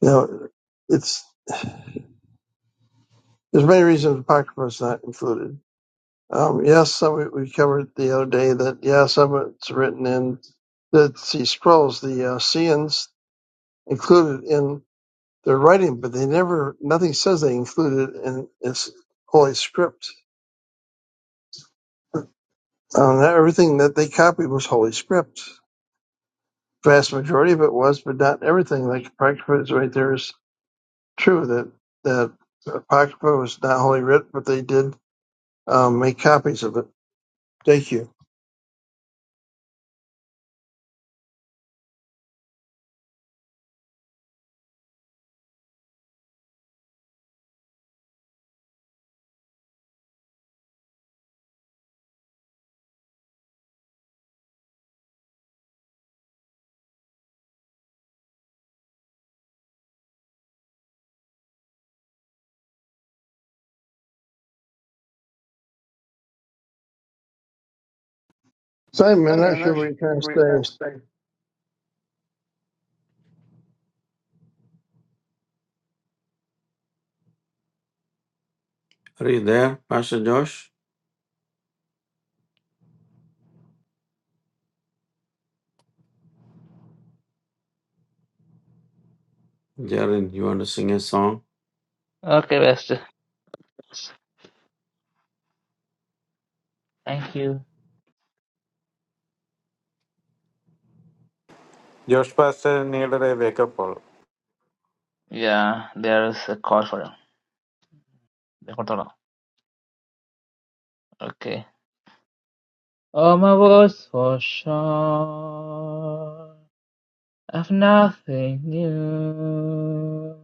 B: you know, it's There's many reasons Apocrypha is not included. Um, yes, some we, we covered the other day that, yeah, some of it's written in the see, scrolls, the uh, Seans included in their writing, but they never, nothing says they included it in its holy script. Um, not everything that they copied was holy script. Vast majority of it was, but not everything. Like Apocrypha is right there is true that, that Apocrypha was not holy writ, but they did um, make copies of it. Thank you. Simon, I'm not sure what you're trying to say.
D: Are you there, Pastor Josh? Jarin, you want to sing a song?
A: Okay, Pastor. Thank you.
G: Josh pastor need a wake up call
A: Yeah, there is a call for him. Okay. Oh, my voice for sure. of nothing new.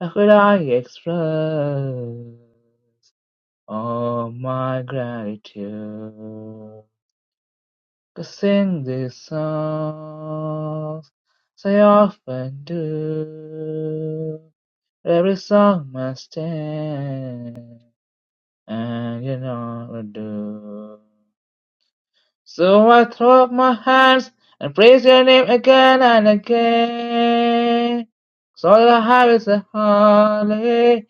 A: How could I express all my gratitude? Cause sing these songs, so I often do. Every song must end, and you know what I do. So I throw up my hands and praise your name again and again. So all I have is a hallelujah,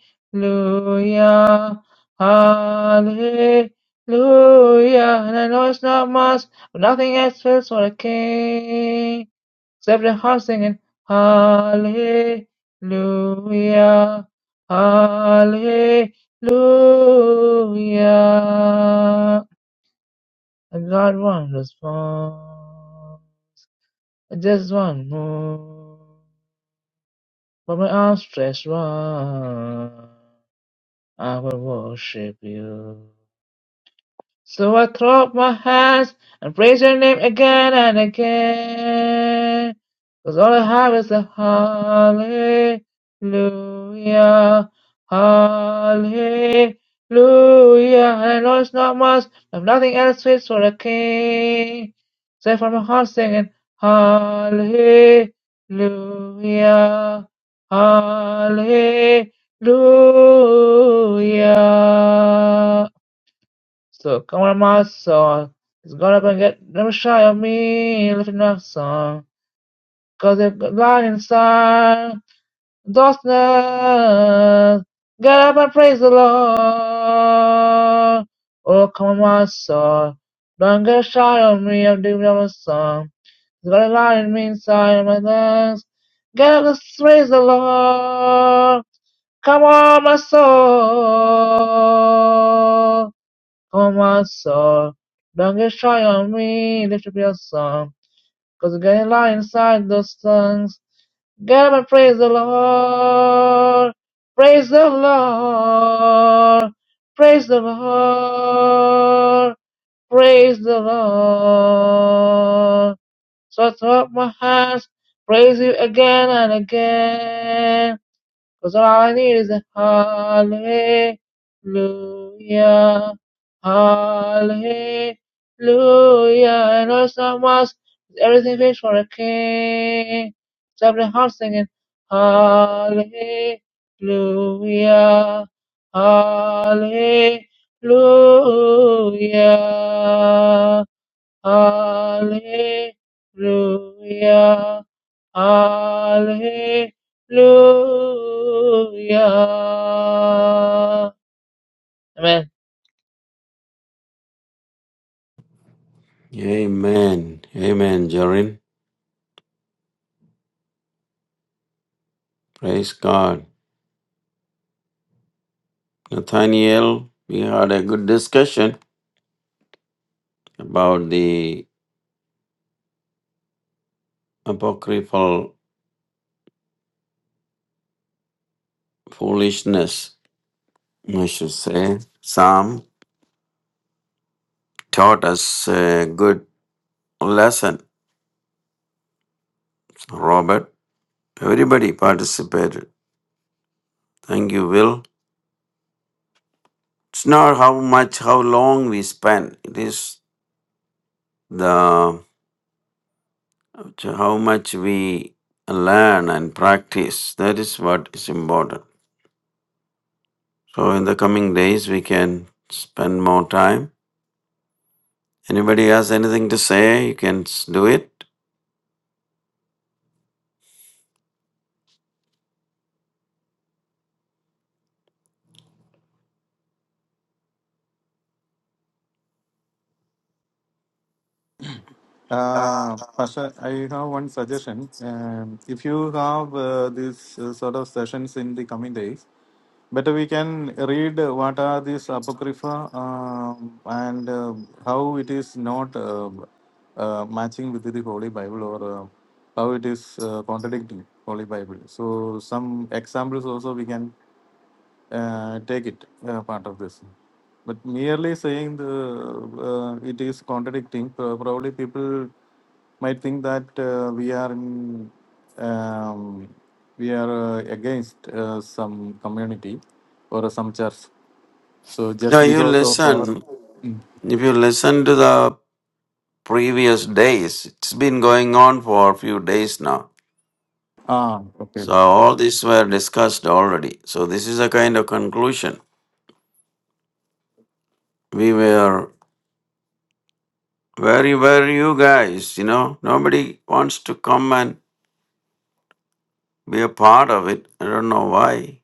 A: hallelujah. And I know it's not much, but nothing else fits for a king. Except the heart singing hallelujah, hallelujah. I got one response, just one move, For my arms stretched wide, I will worship you. So I clap my hands and praise your name again and again. Cause all I have is a hallelujah, hallelujah. And I know it's not much, I have nothing else fits for a king. Except for my heart singing hallelujah, hallelujah. So come on my soul, it's gonna up and get never shy of me, lifting up song. Cause if God light inside, darkness, get up and praise the Lord. Oh come on my soul, don't get shy of me, I'm doing my song. It's gonna light in me inside of my lungs. Get up and praise the Lord. Come on my soul. Thomas saw Lancashire on me. Lift up your song. Cause they lie inside those songs. Get up and praise the Lord. Praise the Lord. Praise the Lord. Praise the Lord. So I throw up my hands, praise you again and again. 'Cause all I need is a hallelujah. Hallelujah. I know someone Everything waits for a king. Clap your hands singing Hallelujah, Hallelujah, Hallelujah, Hallelujah. Amen.
D: Amen. Amen, Jarin. Praise God. Nathaniel, we had a good discussion about the apocryphal foolishness, I should say. Psalm taught us a good lesson. Robert, everybody participated. Thank you, Will. It's not how much, how long we spend. It is the how much we learn and practice. That is what is important. So in the coming days, we can spend more time. Anybody has anything to say? You can s- do it.
G: Uh, Pastor, I have one suggestion. Um, if you have uh, these uh, sort of sessions in the coming days, better we can read what are these apocrypha um, and uh, how it is not uh, uh, matching with the Holy Bible or uh, how it is uh, contradicting Holy Bible. So some examples also we can uh, take it uh, part of this. But merely saying the uh, it is contradicting, pro- probably people might think that uh, we are in, um, we are uh, against uh, some community or some church. So
D: No,
G: just
D: you
G: because of our
D: listen. If you listen to the previous days, it's been going on for a few days now.
G: ah okay,
D: So all these were discussed already. So this is a kind of conclusion. We were Where were you guys? You know, nobody wants to come and be a part of it. I don't know why.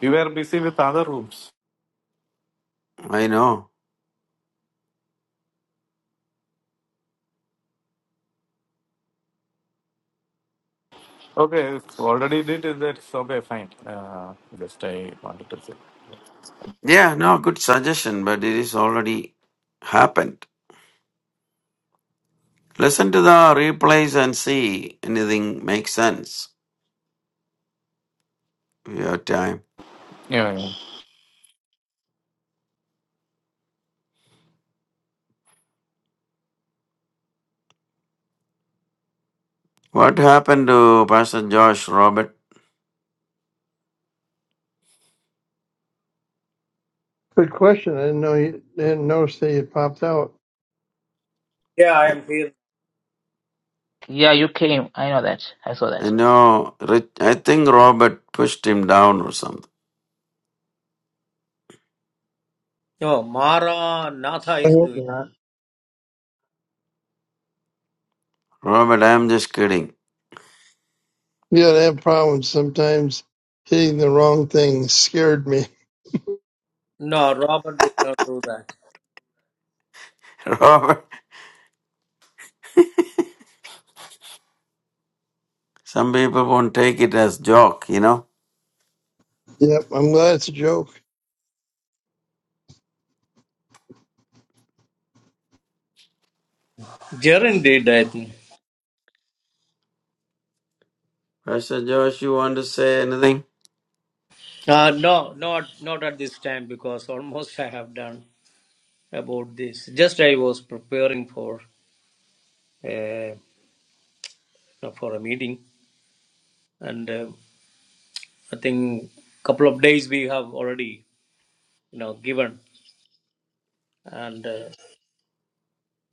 G: you were busy with other rooms.
D: I know.
G: Okay, already did it. That's okay. Fine. Uh, just I wanted to say.
D: Yeah, no, good suggestion, but it is already happened. Listen to the replays and see anything makes sense. If have time.
G: Yeah. yeah.
D: What happened to Pastor Josh Robert?
B: Good question. I didn't know you didn't notice that you popped out.
C: Yeah, I
D: I
C: am here.
A: Yeah, you came. I know that. I saw
D: I
A: that.
D: know. Rich, I think Robert pushed him down or something.
C: No, Maranatha
B: I
C: is
B: hope
C: doing.
B: not.
D: Robert, I'm just kidding.
B: Yeah, they have problems sometimes. Hitting the wrong thing scared me.
C: No, Robert will not do that.
D: Robert, some people won't take it as joke, you know.
B: Yep, I'm glad it's a joke.
C: Jaren did, I think.
D: Pastor Josh, you want to say anything?
C: Uh, no, not not at this time because almost I have done about this. Just I was preparing for uh, for a meeting, and uh, I think couple of days we have already you know given, and uh,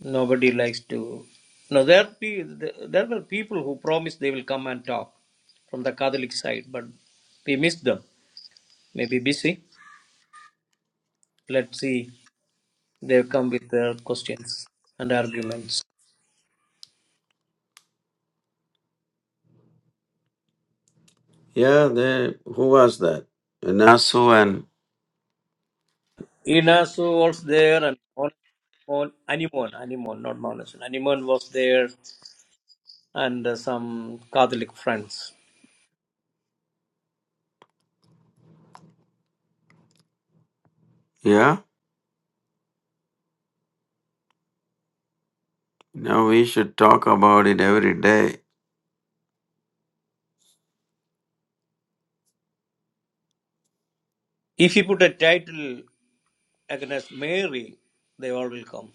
C: nobody likes to. No, there be there were people who promised they will come and talk from the Catholic side, but we missed them. Maybe busy. Let's see. They come with their questions and arguments.
D: Yeah, they, who was that? Nasu and,
C: Inas was there and Mon, Mon, Animon, Animon, not Monus. Animon was there and uh, some Catholic friends.
D: yeah? Now we should talk about it every day.
C: If you put a title against Mary, they all will come.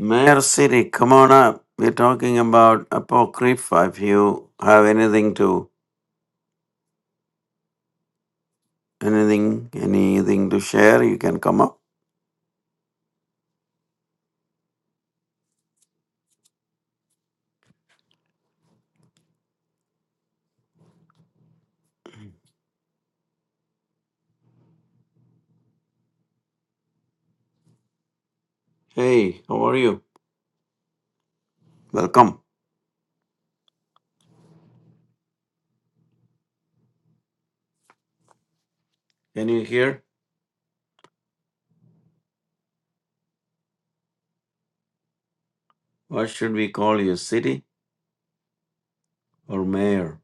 D: Mayor City, come on up. We're talking about Apocrypha. If you have anything to, anything, anything to share, you can come up. Hey, how are you? Welcome. Can you hear? What should we call you? City or mayor?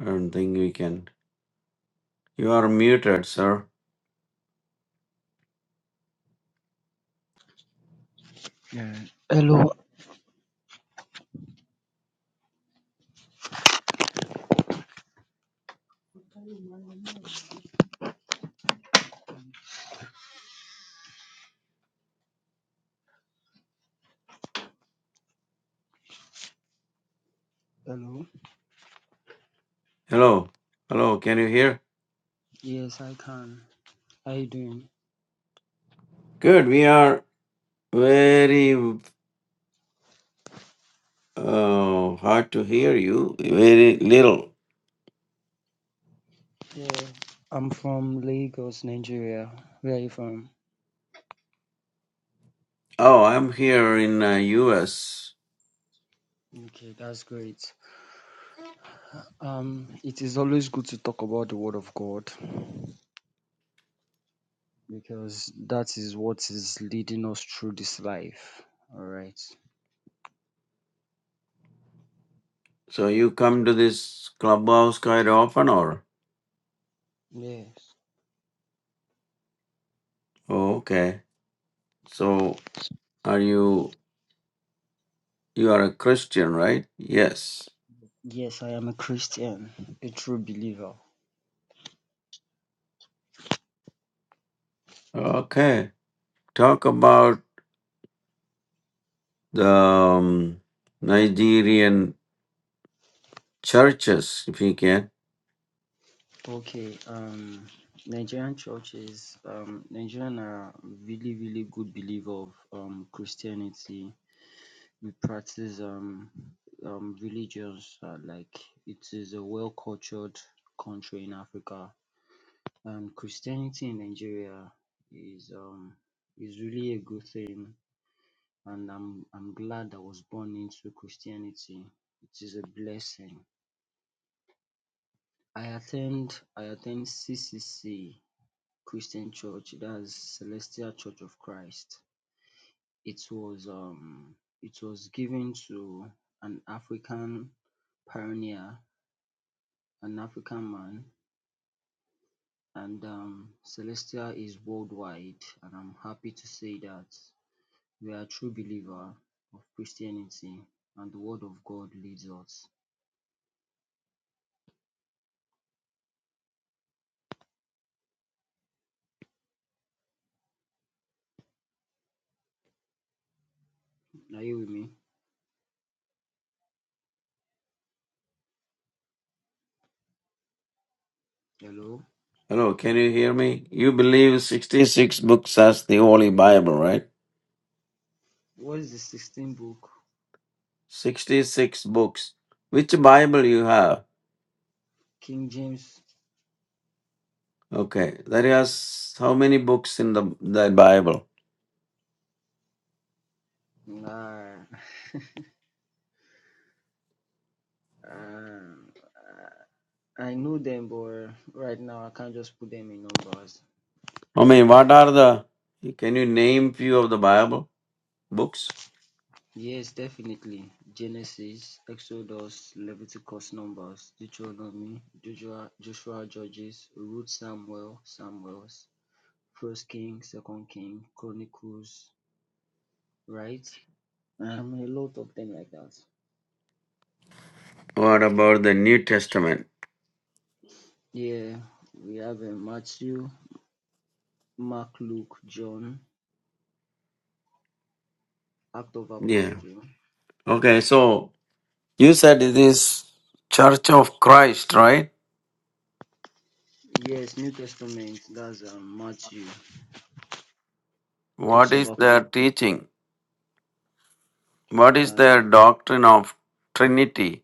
D: I don't think we can. You are muted, sir.
H: Yeah. Hello. Hello.
D: Hello. Hello, can you hear?
H: Yes, I can. How you doing?
D: Good. We are Very uh, hard to hear you. Very little.
H: Yeah. I'm from Lagos, Nigeria. Where are you from?
D: Oh, I'm here in uh, U.S.
H: Okay, that's great. Um, it is always good to talk about the Word of God because that is what is leading us through this life. All right.
D: So you come to this clubhouse quite often, or
H: Yes.
D: oh, okay. So are you? You are a Christian, right? Yes.
H: Yes, I am a Christian, a true believer.
D: Okay. Talk about the um, Nigerian churches, if you can.
H: Okay. Um, Nigerian churches, um, Nigerian are really, really good believer of um Christianity we practice um um religions um like it is a well cultured country in Africa. And Christianity in Nigeria is um is really a good thing and I'm I'm glad I was born into Christianity. It is a blessing. I attend I attend CCC Christian Church, that's Celestial Church of Christ. It was um it was given to an African pioneer an African man, and um, Celestial is worldwide, and I'm happy to say that we are a true believer of Christianity, and the Word of God leads us. Are you with me? Hello.
D: Hello, can you hear me? You believe sixty-six books as the Holy Bible, right?
H: What is the 16th book?
D: 66 books. Which Bible you have?
H: King James.
D: Okay, there is how many books in the that Bible?
H: Nah, um, I know them, but right now I can't just put them in numbers.
D: I mean, what are the? Can you name few of the Bible books?
H: Yes, definitely. Genesis, Exodus, Leviticus, Numbers, Deuteronomy, Joshua, Joshua Judges, Ruth, Samuel, Samuels, First King, Second King, Chronicles, right? Um, a lot of them like that.
D: What about the New Testament?
H: Yeah, we have uh, Matthew, Mark, Luke, John, Act of
D: Yeah.
H: Apostle.
D: Okay, so you said it is Church of Christ, right?
H: Yes, New Testament. That's um, Matthew
D: What
H: talks
D: is
H: about
D: their
H: Christ.
D: teaching? What is
H: Um, it
D: their doctrine of Trinity?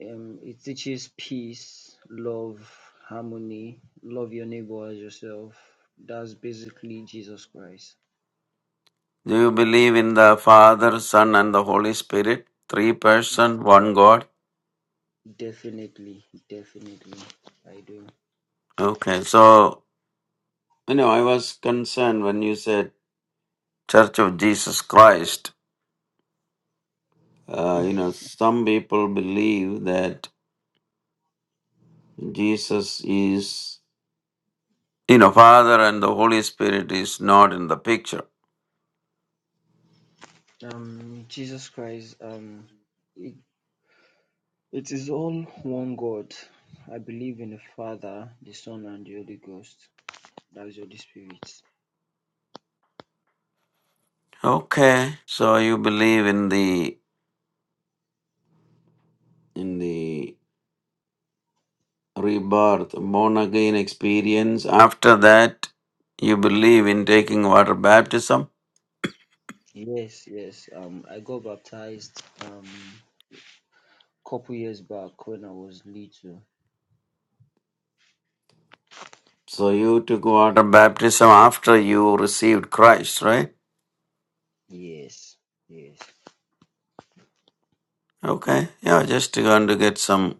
H: Um, it teaches peace, love, harmony, love your neighbor as yourself. That's basically Jesus Christ.
D: Do you believe in the Father, Son, and the Holy Spirit? Three person, one God.
H: Definitely, definitely, I do.
D: Okay, so I know I was concerned when you said Church of Jesus Christ. Uh, you know, some people believe that Jesus is, you know, Father and the Holy Spirit is not in the picture.
H: Um, Jesus Christ. Um, it, it is all one God. I believe in the Father, the Son, and the Holy Ghost. That is the Holy Spirit.
D: Okay, so you believe in the in the rebirth, born again experience. After that, you believe in taking water baptism.
H: Yes, yes. Um, I got baptized um couple years back when I was little.
D: So you took water baptism after you received Christ, right?
H: Yes, yes.
D: Okay, yeah, just going to get some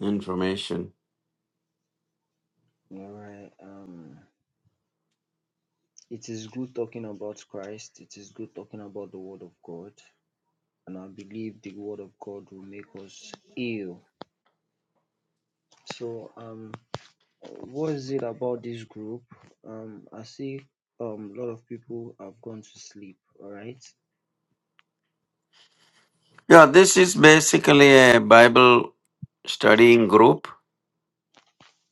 D: information.
H: All right. Um, it is good talking about Christ. It is good talking about the Word of God, and I believe the Word of God will make us heal. So, um, what is it about this group? Um, I see um a lot of people have gone to sleep. All right.
D: Yeah, this is basically a Bible studying group.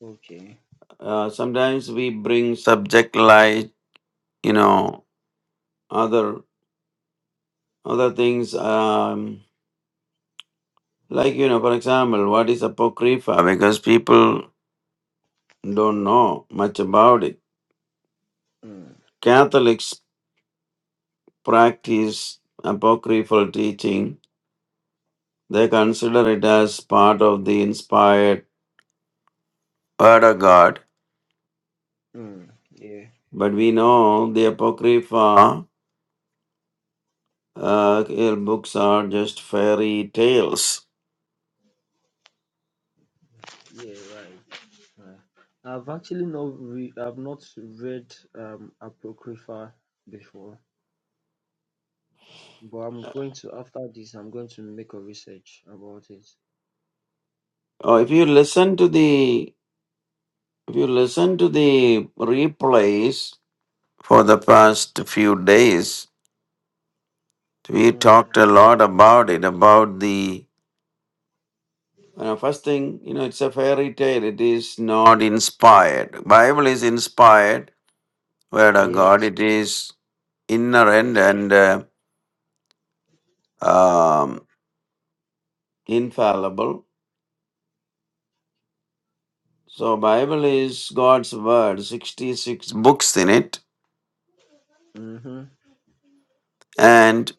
H: Okay.
D: Uh, sometimes we bring subject like you know other other things um, like you know for example what is apocrypha because people don't know much about it.
H: Mm,
D: Catholics practice apocryphal teaching. They consider it as part of the inspired word of God.
H: mm, yeah.
D: But we know the apocrypha Uh, your books are just fairy tales.
H: Yeah. Right. right. I've actually not re- I've not read um Apocrypha before. but i'm going to after this i'm going to make a research about it
D: Uh, if you listen to the if you listen to the replays for the past few days, we
H: mm.
D: talked a lot about it. About the you know, first thing, you know, it's a fairy tale. It is not inspired. Bible is inspired. Word of God.
H: yes
D: It is inerrant
H: yes
D: and uh, um, infallible. So Bible is God's word. Sixty six books in it
H: mm-hmm.
D: and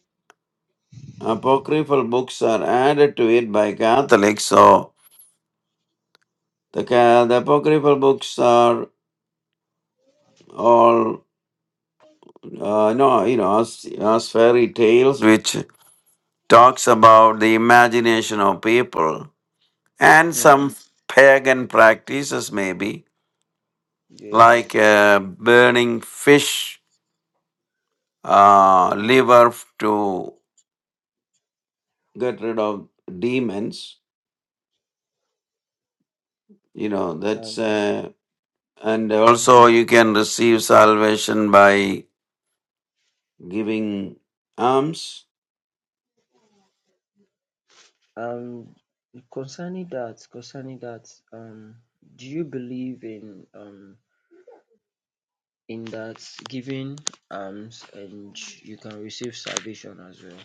D: uh, apocryphal books are added to it by Catholics. So the ca- the apocryphal books are all uh, no, you know, as, as fairy tales, which talks about the imagination of people and
H: mm.
D: some pagan practices, maybe
H: yes
D: like uh, burning fish uh, liver f- to get rid of demons. You know, that's.
H: um
D: uh, And
H: mm.
D: also, you can receive salvation by giving alms.
H: um concerning that concerning that um do you believe in um in that giving alms and you can receive salvation as well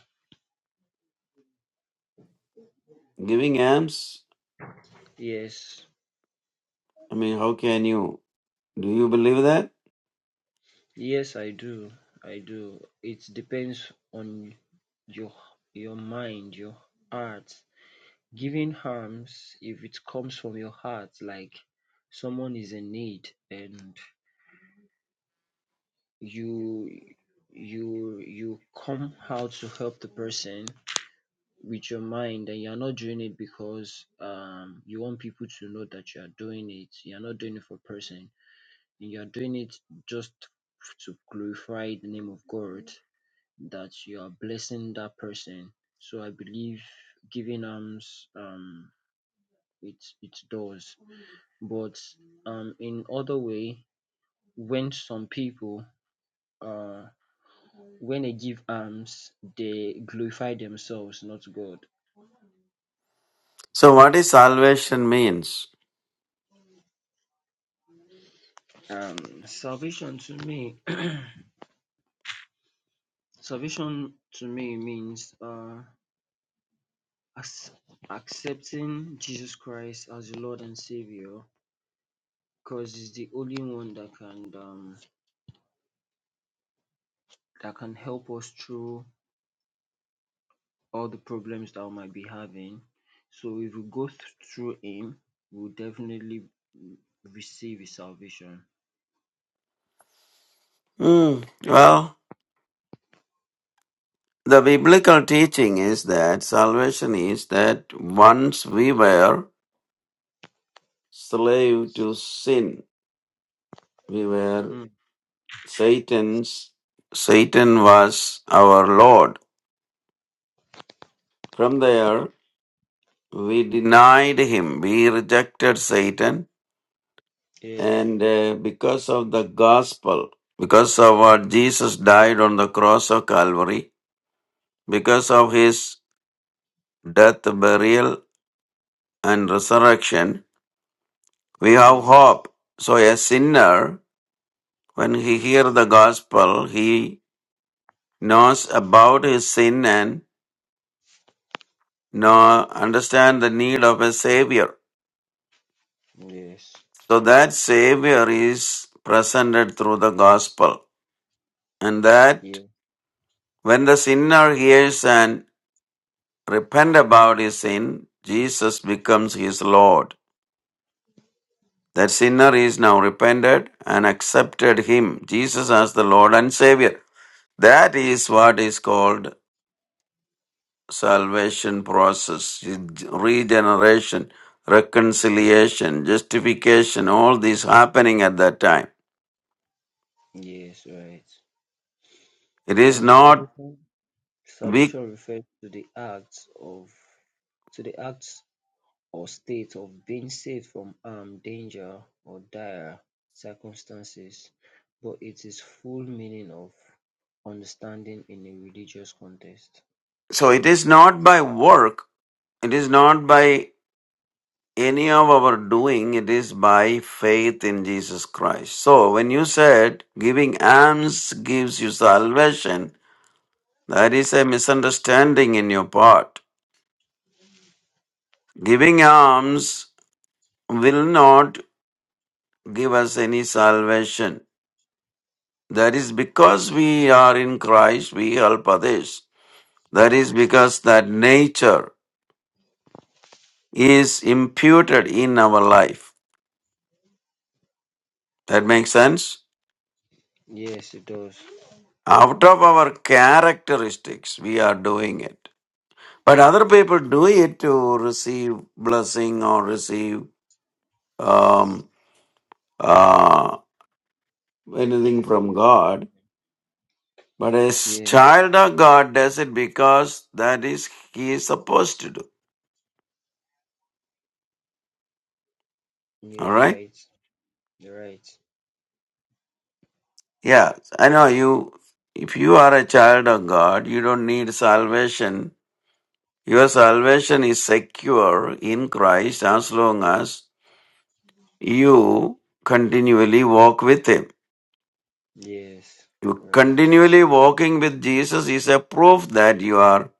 D: Giving alms?
H: yes
D: I mean, how can you? Do you believe that?
H: yes i do i do it depends on your your mind your heart Giving harms if it comes from your heart, like someone is in need and you you you come out to help the person with your mind and you're not doing it because um you want people to know that you are doing it. You're not doing it for person. and You're doing it just to glorify the name of God that you are blessing that person. So I believe giving alms um it it does but um in other way when some people uh when they give alms they glorify themselves not god
D: So, what is salvation means?
H: um salvation to me salvation to me means uh ac- accepting jesus christ as the lord and savior because he's the only one that can um that can help us through all the problems that we might be having. So if we go th- through Him, we'll definitely mm, receive His salvation.
D: Hmm. Well, the biblical teaching is that salvation is that once we were slave to sin, we were
H: Mm,
D: Satan's. Satan was our Lord. From there, we denied him. We rejected Satan
H: yeah.
D: And uh, because of the gospel, because of what Jesus died on the cross of Calvary, because of his death, burial, and resurrection, we have
H: Mm,
D: hope. So a sinner, when he hears the gospel, he knows about his sin and know, understand the need of a savior.
H: yes.
D: So that savior is presented through the gospel. And
H: Yeah.
D: that when the sinner hears and repent about his sin, Jesus becomes his Lord. That sinner is now repented and accepted him, Jesus as the Lord and Savior. That is what is called salvation process, regeneration, reconciliation, justification, all these happening at that time.
H: Yes. Right.
D: It is
H: Um,
D: not
H: salvation.
D: we
H: Salvation refers to the acts of to the acts or state of being saved from harm, danger, or dire circumstances, but it is full meaning of understanding in a religious context.
D: so it is not by work, it is not by any of our doing, it is by faith in Jesus Christ. So when you said giving alms gives you salvation, that is a misunderstanding in your part. Giving alms will not give us any salvation. That is because we are in Christ, we help others. That is because that nature is imputed in our life. That makes sense?
H: Yes, it does.
D: Out of our characteristics, we are doing it. But other people do it to receive blessing or receive um, uh, anything
H: favor
D: from
H: or
D: God.
H: something.
D: But a
H: Yeah,
D: child of God does it because that is he is supposed to do.
H: yeah,
D: All right?
H: right, right.
D: Yeah, I know you. If you are a child of God, you don't need salvation. Your salvation is secure in Christ as long as you continually walk with Him.
H: Yes, right.
D: Continually walking with Jesus is a proof that you are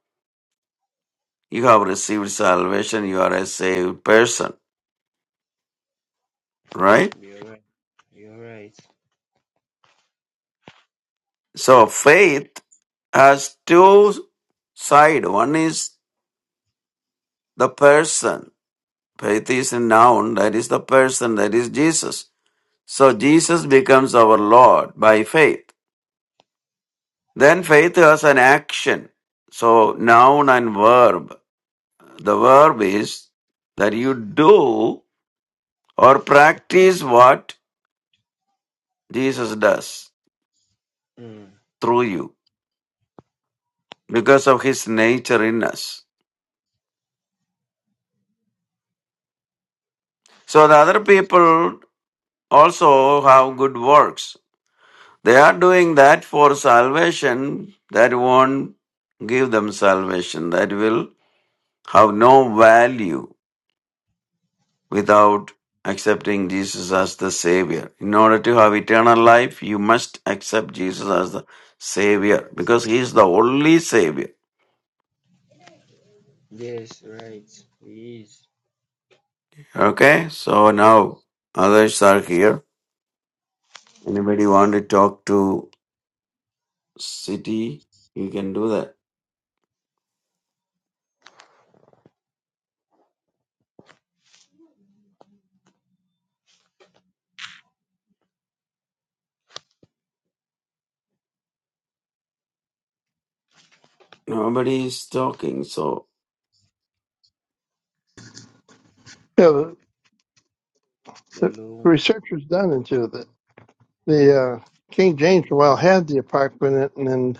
D: you have received salvation, you are a saved person, right?
H: You're right. You're right.
D: So faith has two side. One is the person. Faith is a noun, that is the person, that is Jesus. So Jesus becomes our Lord by faith. Then faith has an action. So noun and verb. The verb is that you do or practice what Jesus does
H: Mm.
D: through you because of his nature in us. So the other people also have good works. They are doing that for salvation that won't give them salvation, that will have no value without accepting Jesus as the Savior. In order to have eternal life, you must accept Jesus as the Savior because He is the only Savior.
H: Yes, right. He is
D: Okay, so now others are here. Anybody want to talk to City? You can do that. Nobody is talking, so
B: Yeah, the, the
H: Hello.
B: researchers done into the the uh, King James for a while had the apocrypha in it, and then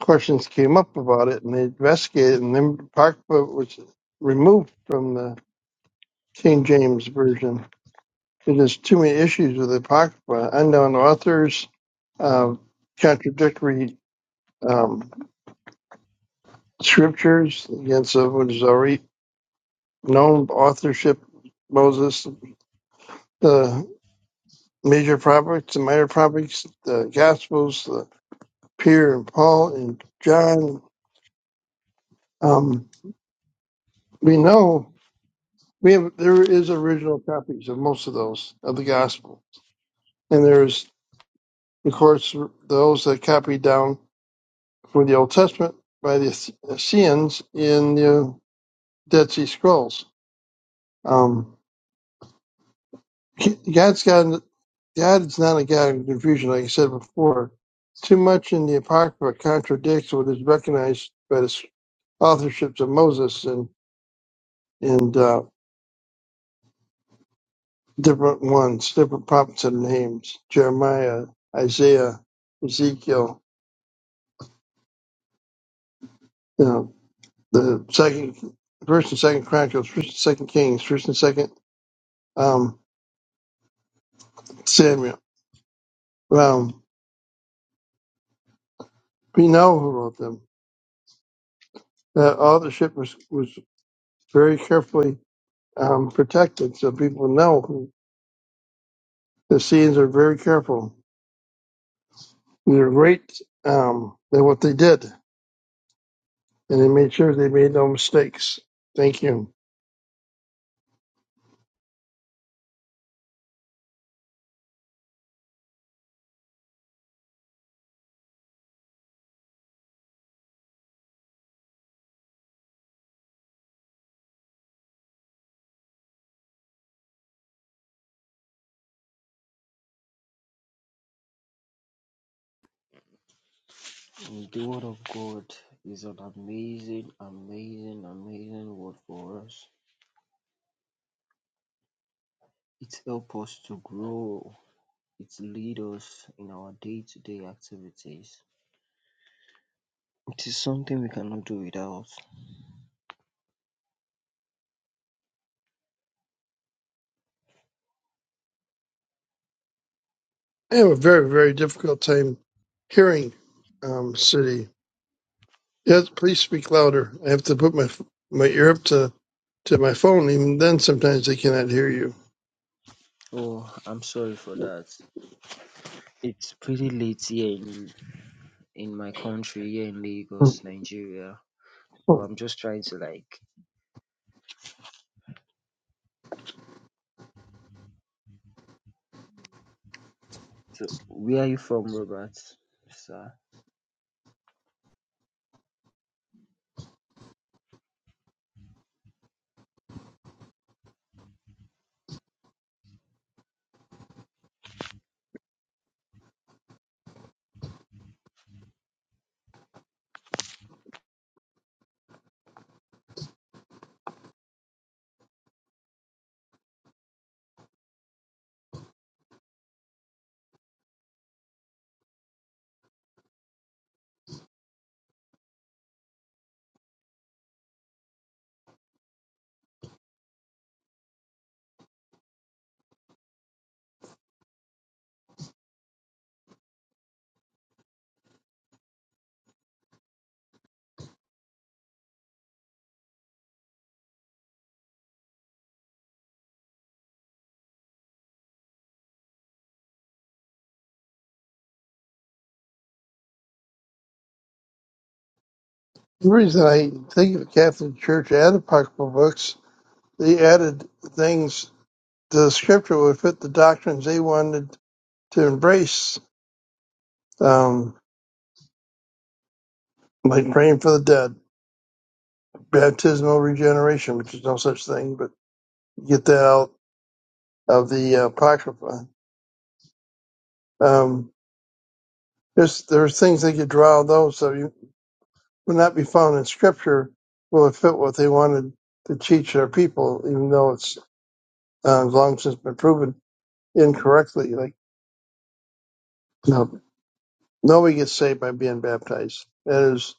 B: questions came up about it, and they investigated, and then apocrypha was removed from the King James version. There's too many issues with the Apocrypha, unknown authors, um, contradictory um, scriptures against uh, what is already known authorship, Moses, the major prophets, the minor prophets, the Gospels, the Peter and Paul and John. Um, we know we have there is original copies of most of those of the Gospel, and there's of course those that copied down for the Old Testament by the Essenes in the Dead Sea Scrolls. Um, God's god God is not a God of confusion, like I said before. Too much in the Apocrypha contradicts what is recognized by the authorships of Moses and and uh, different ones, different prophets and names: Jeremiah, Isaiah, Ezekiel. You know, the second, first and second Chronicles, first and second Kings, first and second um, Samuel. Um, We know who wrote them. Uh, all the ship was, was very carefully um, protected, so people know who. The scenes are very careful. they're great um, at what they did, and they made sure they made no mistakes. Thank you.
H: The word of God is an amazing, amazing, amazing word for us. It helps us to grow. It leads us in our day-to-day activities. It is something we cannot do without.
B: I have a very, very difficult time hearing um, City. Yes, please speak louder. I have to put my my ear up to, to my phone. Even then, sometimes they cannot hear you.
H: Oh, I'm sorry for that. It's pretty late here in in my country here in
B: The
H: Lagos, Nigeria. So I'm just trying to like So, where are you from, Robert? Sir.
B: reason I think of Catholic Church and apocryphal books They added things to the scripture would fit the doctrines they wanted to embrace, um, like praying for the dead, baptismal regeneration, which is no such thing, but get that out of the uh, Apocrypha. Um, there's, there's things they could draw on those, so you would not be found in scripture will it fit what they wanted to teach their people, even though it's uh, long since been proven incorrectly. Like, no, nobody gets saved by being baptized. That is.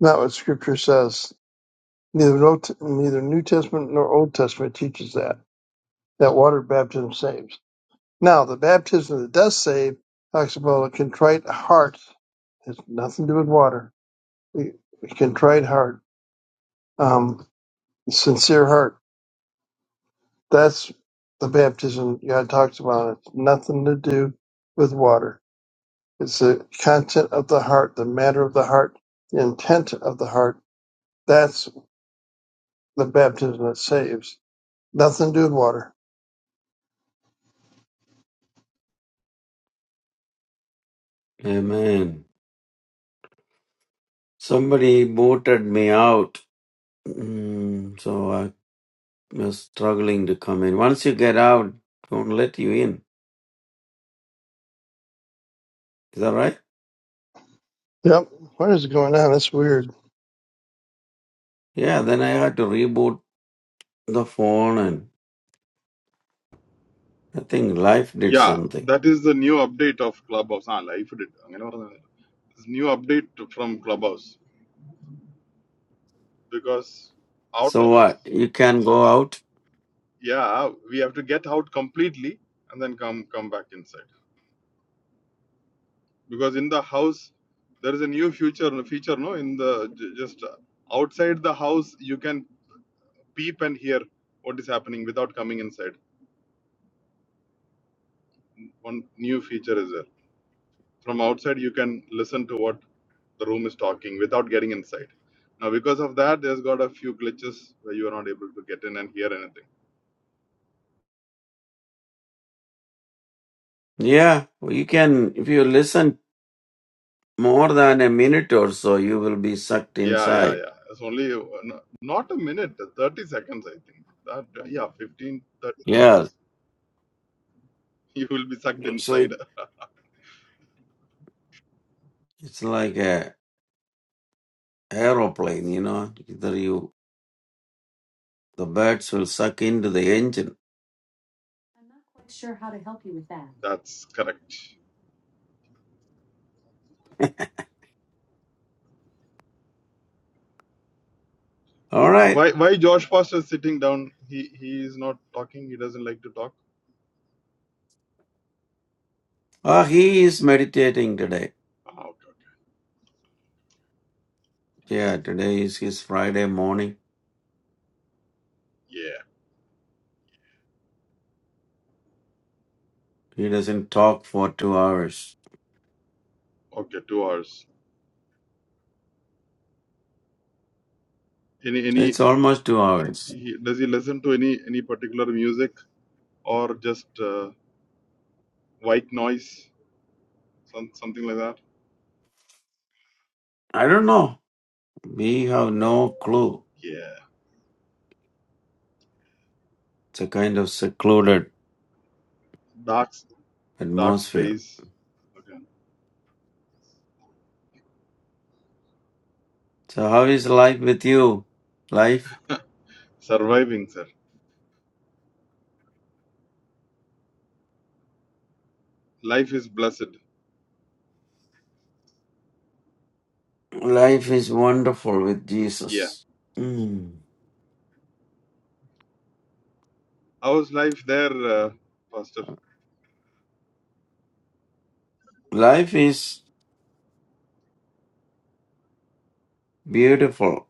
B: Not what Scripture says. Neither no, neither New Testament nor Old Testament teaches that that water baptism saves. Now, the baptism that does save talks about a contrite heart. It has nothing to do with water. A a contrite heart, um, sincere heart. That's the baptism God talks about. It's nothing to do with water. It's the content of the heart, the matter of the heart, the intent of the heart. That's the baptism that saves. Nothing to do with water.
D: Amen. Somebody booted me out, mm, so I was struggling to come in. Once you get out, don't let you in. Is that right?
B: Yep. What is going on? That's weird.
D: Yeah. Then I had to reboot the phone, and I think life did
F: Yeah,
D: something.
F: that is the new update of Clubhouse. Ah, life did. അങ്ങനെ പറഞ്ഞത്. It's new update from Clubhouse because out
D: So
F: of
D: what? You can go out.
F: yeah, we have to get out completely and then come come back inside because in the house there is a new future feature no in the ju- just uh, outside the house you can peep and hear what is happening without coming inside. One new feature is there. From outside you can listen to what the room is talking without getting inside. Now, because of that, there's got a few glitches where you are not able to get in and hear anything.
D: Yeah, you can. If you listen more than a minute or so, you will be sucked
F: Yeah, yeah,
D: inside.
F: yeah. It's only uh, no- not a minute, 30 seconds, I think. That, uh, yeah, 15, 30
D: Yeah,
F: seconds. You will be sucked
D: So it,
F: inside.
D: it's like a aeroplane, you know. Either you, the birds will suck into the engine.
F: That's correct.
D: All right.
F: Why, why Josh Foster is sitting down? He he is not talking. He doesn't like to talk.
D: Ah, he is meditating today.
F: Ah, okay.
D: Yeah, today is his Friday morning.
F: Yeah.
D: He doesn't talk for two hours.
F: Okay, two hours. Any any
D: It's almost two hours.
F: he, does he listen to any any particular music or just uh, white noise? Some, something like that.
D: I don't know. We have no clue.
F: Yeah.
D: It's a kind of secluded
F: Dark, s- dark
D: atmosphere.
F: space. Okay.
D: So how is life with you? Life?
F: Surviving, sir. Life is blessed.
D: Life is wonderful with
F: Yeah.
D: Jesus. Mm.
F: How's life there, uh, Pastor?
D: Life is beautiful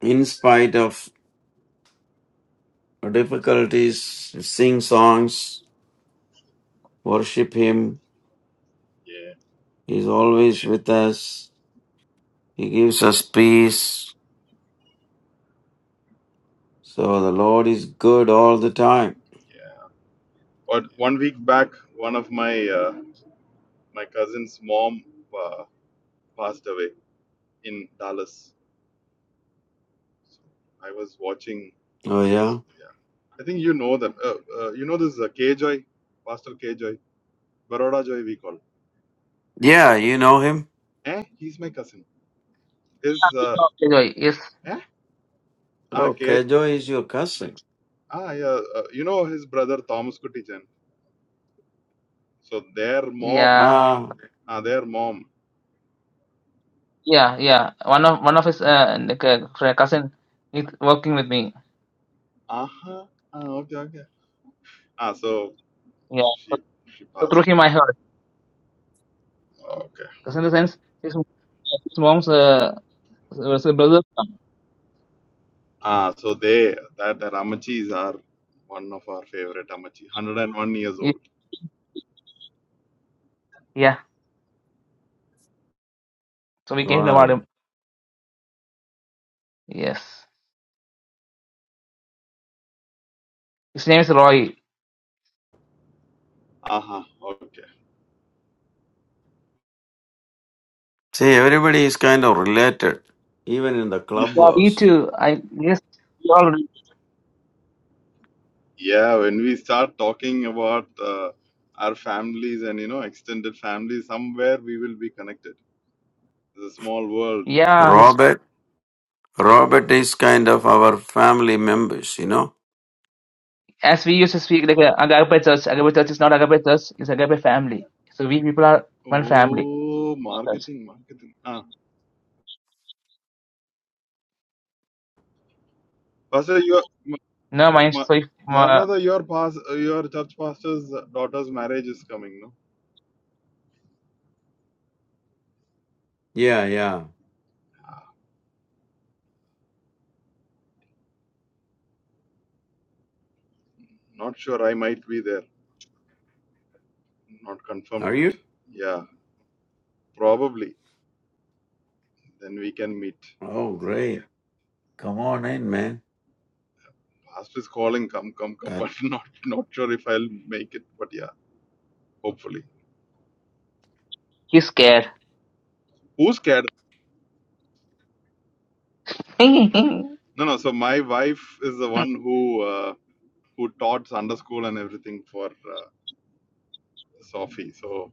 D: in spite of difficulties, sing songs, worship Him.
F: Yeah.
D: He is always with us. He gives us peace. So the Lord is good all the time.
F: Yeah. But one week back, one of my uh, my cousin's mom uh, passed away in Dallas. So I was watching.
D: Oh, yeah?
F: Yeah. I think you know them. Uh, uh, you know this uh, K Joy, Pastor K Joy, Baroda Joy, we call.
D: Yeah, you know Him.
F: Eh? He's my cousin. His uh,
A: Oh, okay, yes.
F: eh? Ah,
D: Oh,
F: K
D: Kejo is your cousin.
F: Ah, yeah. Uh, you know his brother Thomas Kuttichan. So their mom,
A: Yeah.
D: Ah,
F: ah, their mom.
A: Yeah, yeah. One of one of his uh, like, uh, fr- cousin is working with me.
F: Uh huh. Ah, okay, okay. Ah, so
A: Yeah, so,
F: she she
A: so through
F: passed.
A: him I heard.
F: Okay.
A: Because in the sense, his, his mom's uh, was a brother.
F: Ah, so they that that Amachis are one of our favorite Amachi. Hundred and one years
A: Ye-
F: old.
A: Yeah, so we came to know about
D: wow.
A: him. Yes, his name is Roy.
F: Uh huh. Okay.
D: See, everybody is kind of related, even in the
F: Yeah.
A: Yeah, we
D: clubhouse.
A: too. I yes, we all.
F: Yeah. When we start talking about uh, our families and you know extended families, somewhere we will be connected. It's a small world.
A: Yeah, his,
D: Robert, Robert is kind of our family members, you know?
A: as we used to speak like uh, Agape Church. Agape Church is not Agape Church. It's Agape Family. So we people are one family.
F: Oh,
A: Church.
F: marketing, marketing. Ah. Pastor, your Ma-
A: No, mind.
F: Ma-
A: So if, uh,
F: Maranatha, your pas your church pastor's daughter's marriage is coming. No,
D: Yeah, yeah.
F: not sure. I might be there. Not confirmed
D: Are
F: yet.
D: you?
F: Yeah, probably. Then we can meet.
D: Oh, great. Come on in, man.
F: Pastor is calling. Come, come, come.
D: that
F: But not not sure if I'll make it. But yeah, hopefully.
A: he's scared.
F: Who's scared?
A: Very
F: No, no. So my wife is the one who uh, who taught Sunday school and everything for uh, Sophie. So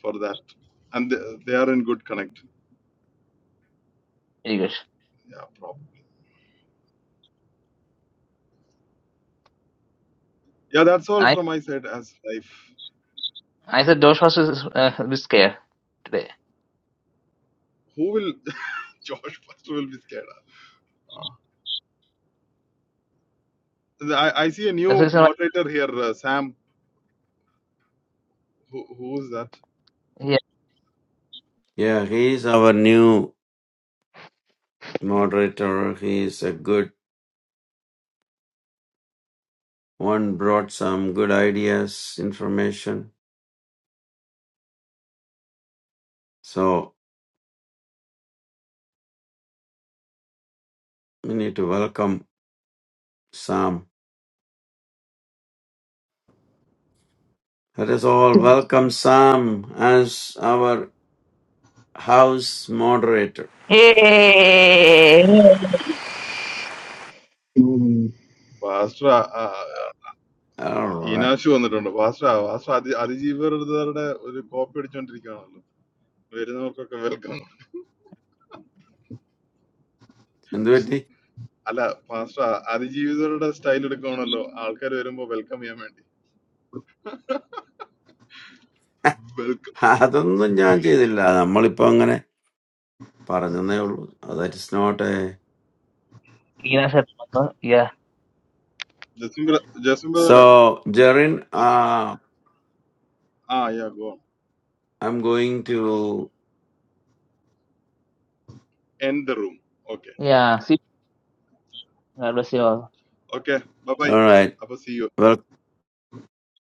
F: for that, and they, they are in good connect.
A: good.
F: Yeah, Yeah, that's all
A: Nice.
F: from my side as life.
A: I said Josh was uh, a bit scared today.
F: Who will Josh first will be scared? Ah. I, I see a
A: That's the
F: new
A: reason why.
F: moderator here, uh, Sam. Who, who is that?
A: Yeah,
D: yeah he is our new moderator he is a good one brought some good ideas information so we need to welcome sam let us all welcome sam as our house moderator
F: Bastra, uh,
D: all right
F: Inashu വന്നിട്ടുണ്ട്. Bastra, Bastra അതി അതിജീവരുടെ ഒരു copy അടിച്ചുകൊണ്ടിരിക്കുകയാണല്ലോ. വരുന്നവർക്കൊക്കെ welcome.
D: എന്തുപറ്റി
F: അല്ല, Bastra, അതിജീവിതരുടെ style എടുക്കുകയാണല്ലോ. ആൾക്കാര് വരുമ്പോ welcome ചെയ്യാൻ വേണ്ടി. Welcome.
D: അതൊന്നും ഞാൻ ചെയ്തില്ല നമ്മളിപ്പോ അങ്ങനെ പറഞ്ഞതേ ഉള്ളൂ that is not a
A: Nina said, uh, yeah,
F: Jasim ബ്ര- ജസിം brother
D: സോ
F: ഏ?
D: Jerin I
F: ah, yeah, go on.
D: Am going to
F: End the room. Okay.
A: yeah. See, God bless you all.
F: Okay, bye-bye.
D: All
F: അപ്പൊ see you.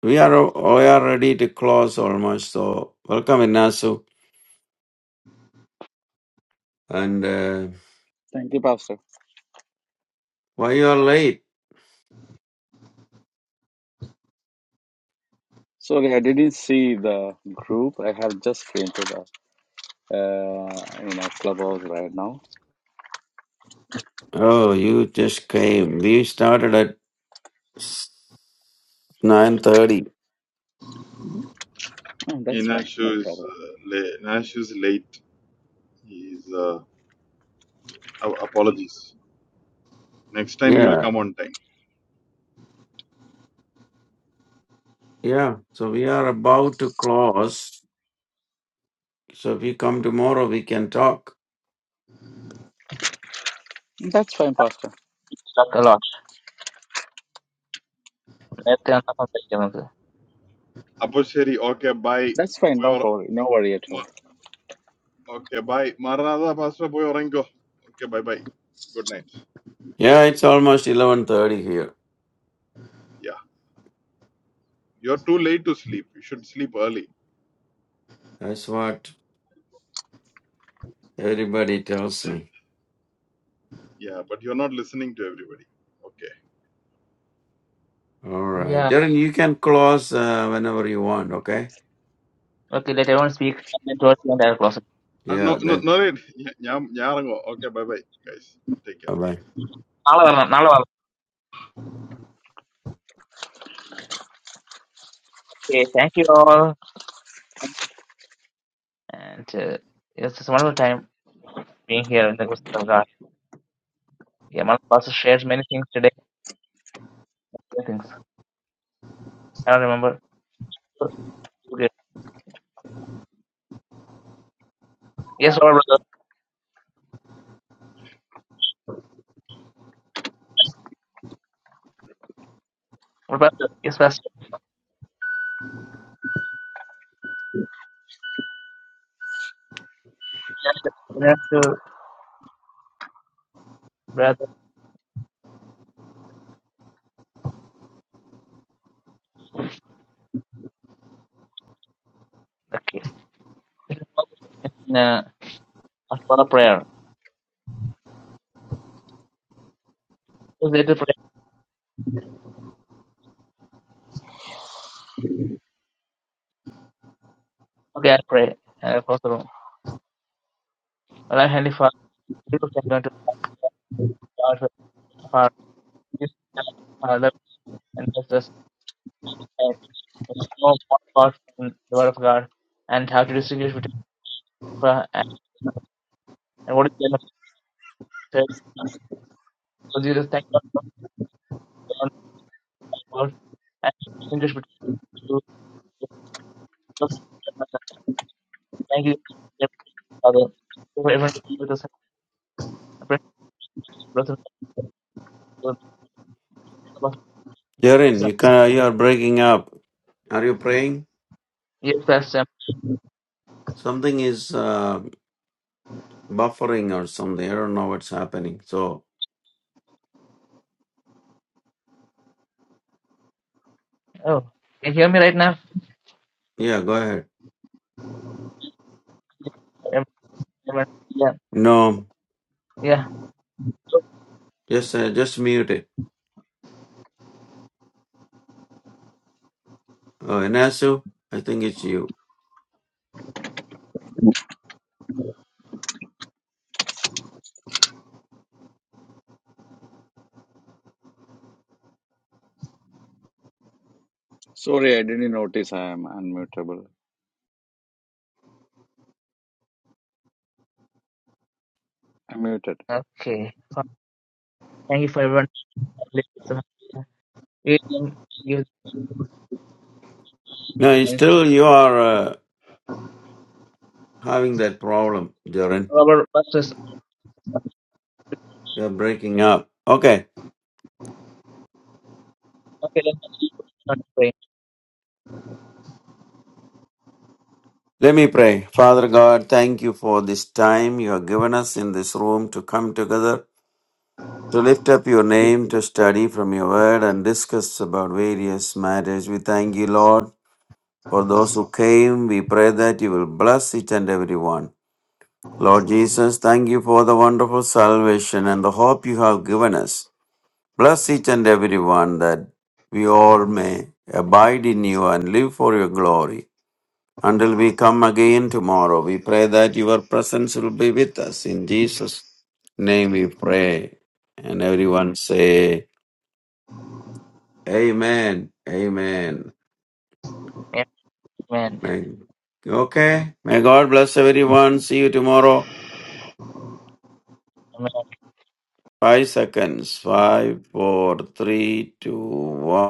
D: We are we are ready to close almost. So welcome, Inasu. And uh,
I: Thank you, Pastor.
D: why you are late?
I: Sorry, I didn't see the group. I have just came to the uh, you know clubhouse right now.
D: Oh, you just came. We started at nine thirty.
I: Oh, that's fine, no
F: Inacho is
I: problem.
F: uh, la- Inacho is late. He's uh, oh, apologies. Next time he will
D: Yeah,
F: come on time.
D: yeah. So we are about to close. So if you come tomorrow, we can talk.
I: That's fine, Pastor.
A: Talk a lot. Let's നേരത്തെ വന്ന സംസാരിക്കാം നമുക്ക്.
F: അപ്പൊ ശരി okay bye
I: That's fine,
F: പോയി
I: no
F: ഉറ-
I: problem, no worry at all.
F: മ- okay bye മാറനാഥ പാസ്റ്റർ പോയി ഉറങ്ങിക്കോ okay bye bye good night
D: Yeah, it's almost eleven thirty here.
F: yeah you're too late to sleep you should sleep early
D: That's what everybody tells
F: Huh?
D: me.
F: yeah but you're not listening to everybody okay
D: All right,
A: Yeah.
D: Darren, you can close uh, whenever you want. Okay.
A: Okay, let everyone speak and then towards the end I'll close it.
F: uh, no
D: Yeah.
F: no
D: Then.
F: no ഞാൻ ഞാൻ ഇറങ്ങുവോ okay bye bye guys take care
D: Bye.
A: നാളെ വരണം, നാളെ വരണം. Okay, thank you all. And uh, it's just a wonderful time being here in the presence of God. Yeah, my pastor shares many things today, many things. I don't remember. Okay. Yes, all brother. All pastor. Yes, pastor. Yes, yes. Yes, brother. Okay. Then, uh, ask a prayer. Just little prayer. Okay, I'll pray uh, across the room. Well, I'm Heavenly Father, we will thank God to God for our this Father and bless us and us to know more about from the Word of God and how to distinguish between prayer and, and what is the end of the faith. So Jesus, thank God for the Lord of God and distinguish between you. Thank you, dear Father, for everyone being with us. I pray for the blessing of the
D: Jaren,
A: Lord.
D: you can you are breaking up. Are you praying?
A: Yes, Pastor.
D: Something is uh, buffering or something. I don't know what's happening. So
A: Oh, can you hear me right now?
D: yeah, go ahead.
A: Everyone? Yeah,
D: No,
A: yeah.
D: just uh, just mute it. Uh, Inasu, I think it's you.
I: Sorry, I didn't notice I am unmutable. Unmuted.
A: Okay. Thank you for everyone listening. You can use
D: No, you
A: and
D: still you are uh, having that problem, Jaren.
A: cover buses.
D: You are breaking up. Okay.
A: Okay, let's not pray.
D: Let me pray. Father God, thank you for this time you have given us in this room to come together to lift up your name, to study from your word and discuss about various matters. We thank you, Lord, for those who came. We pray that you will bless each and every one. Lord Jesus, thank you for the wonderful salvation and the hope you have given us. Bless each and every one that we all may abide in you and live for your glory. Until we come again tomorrow, we pray that your presence will be with us. In Jesus' name we pray. And everyone say, Amen. Amen.
A: Amen.
D: Man. Okay. May God bless everyone. See you tomorrow.
A: Amen.
D: Five seconds. Five, four, three, two, one.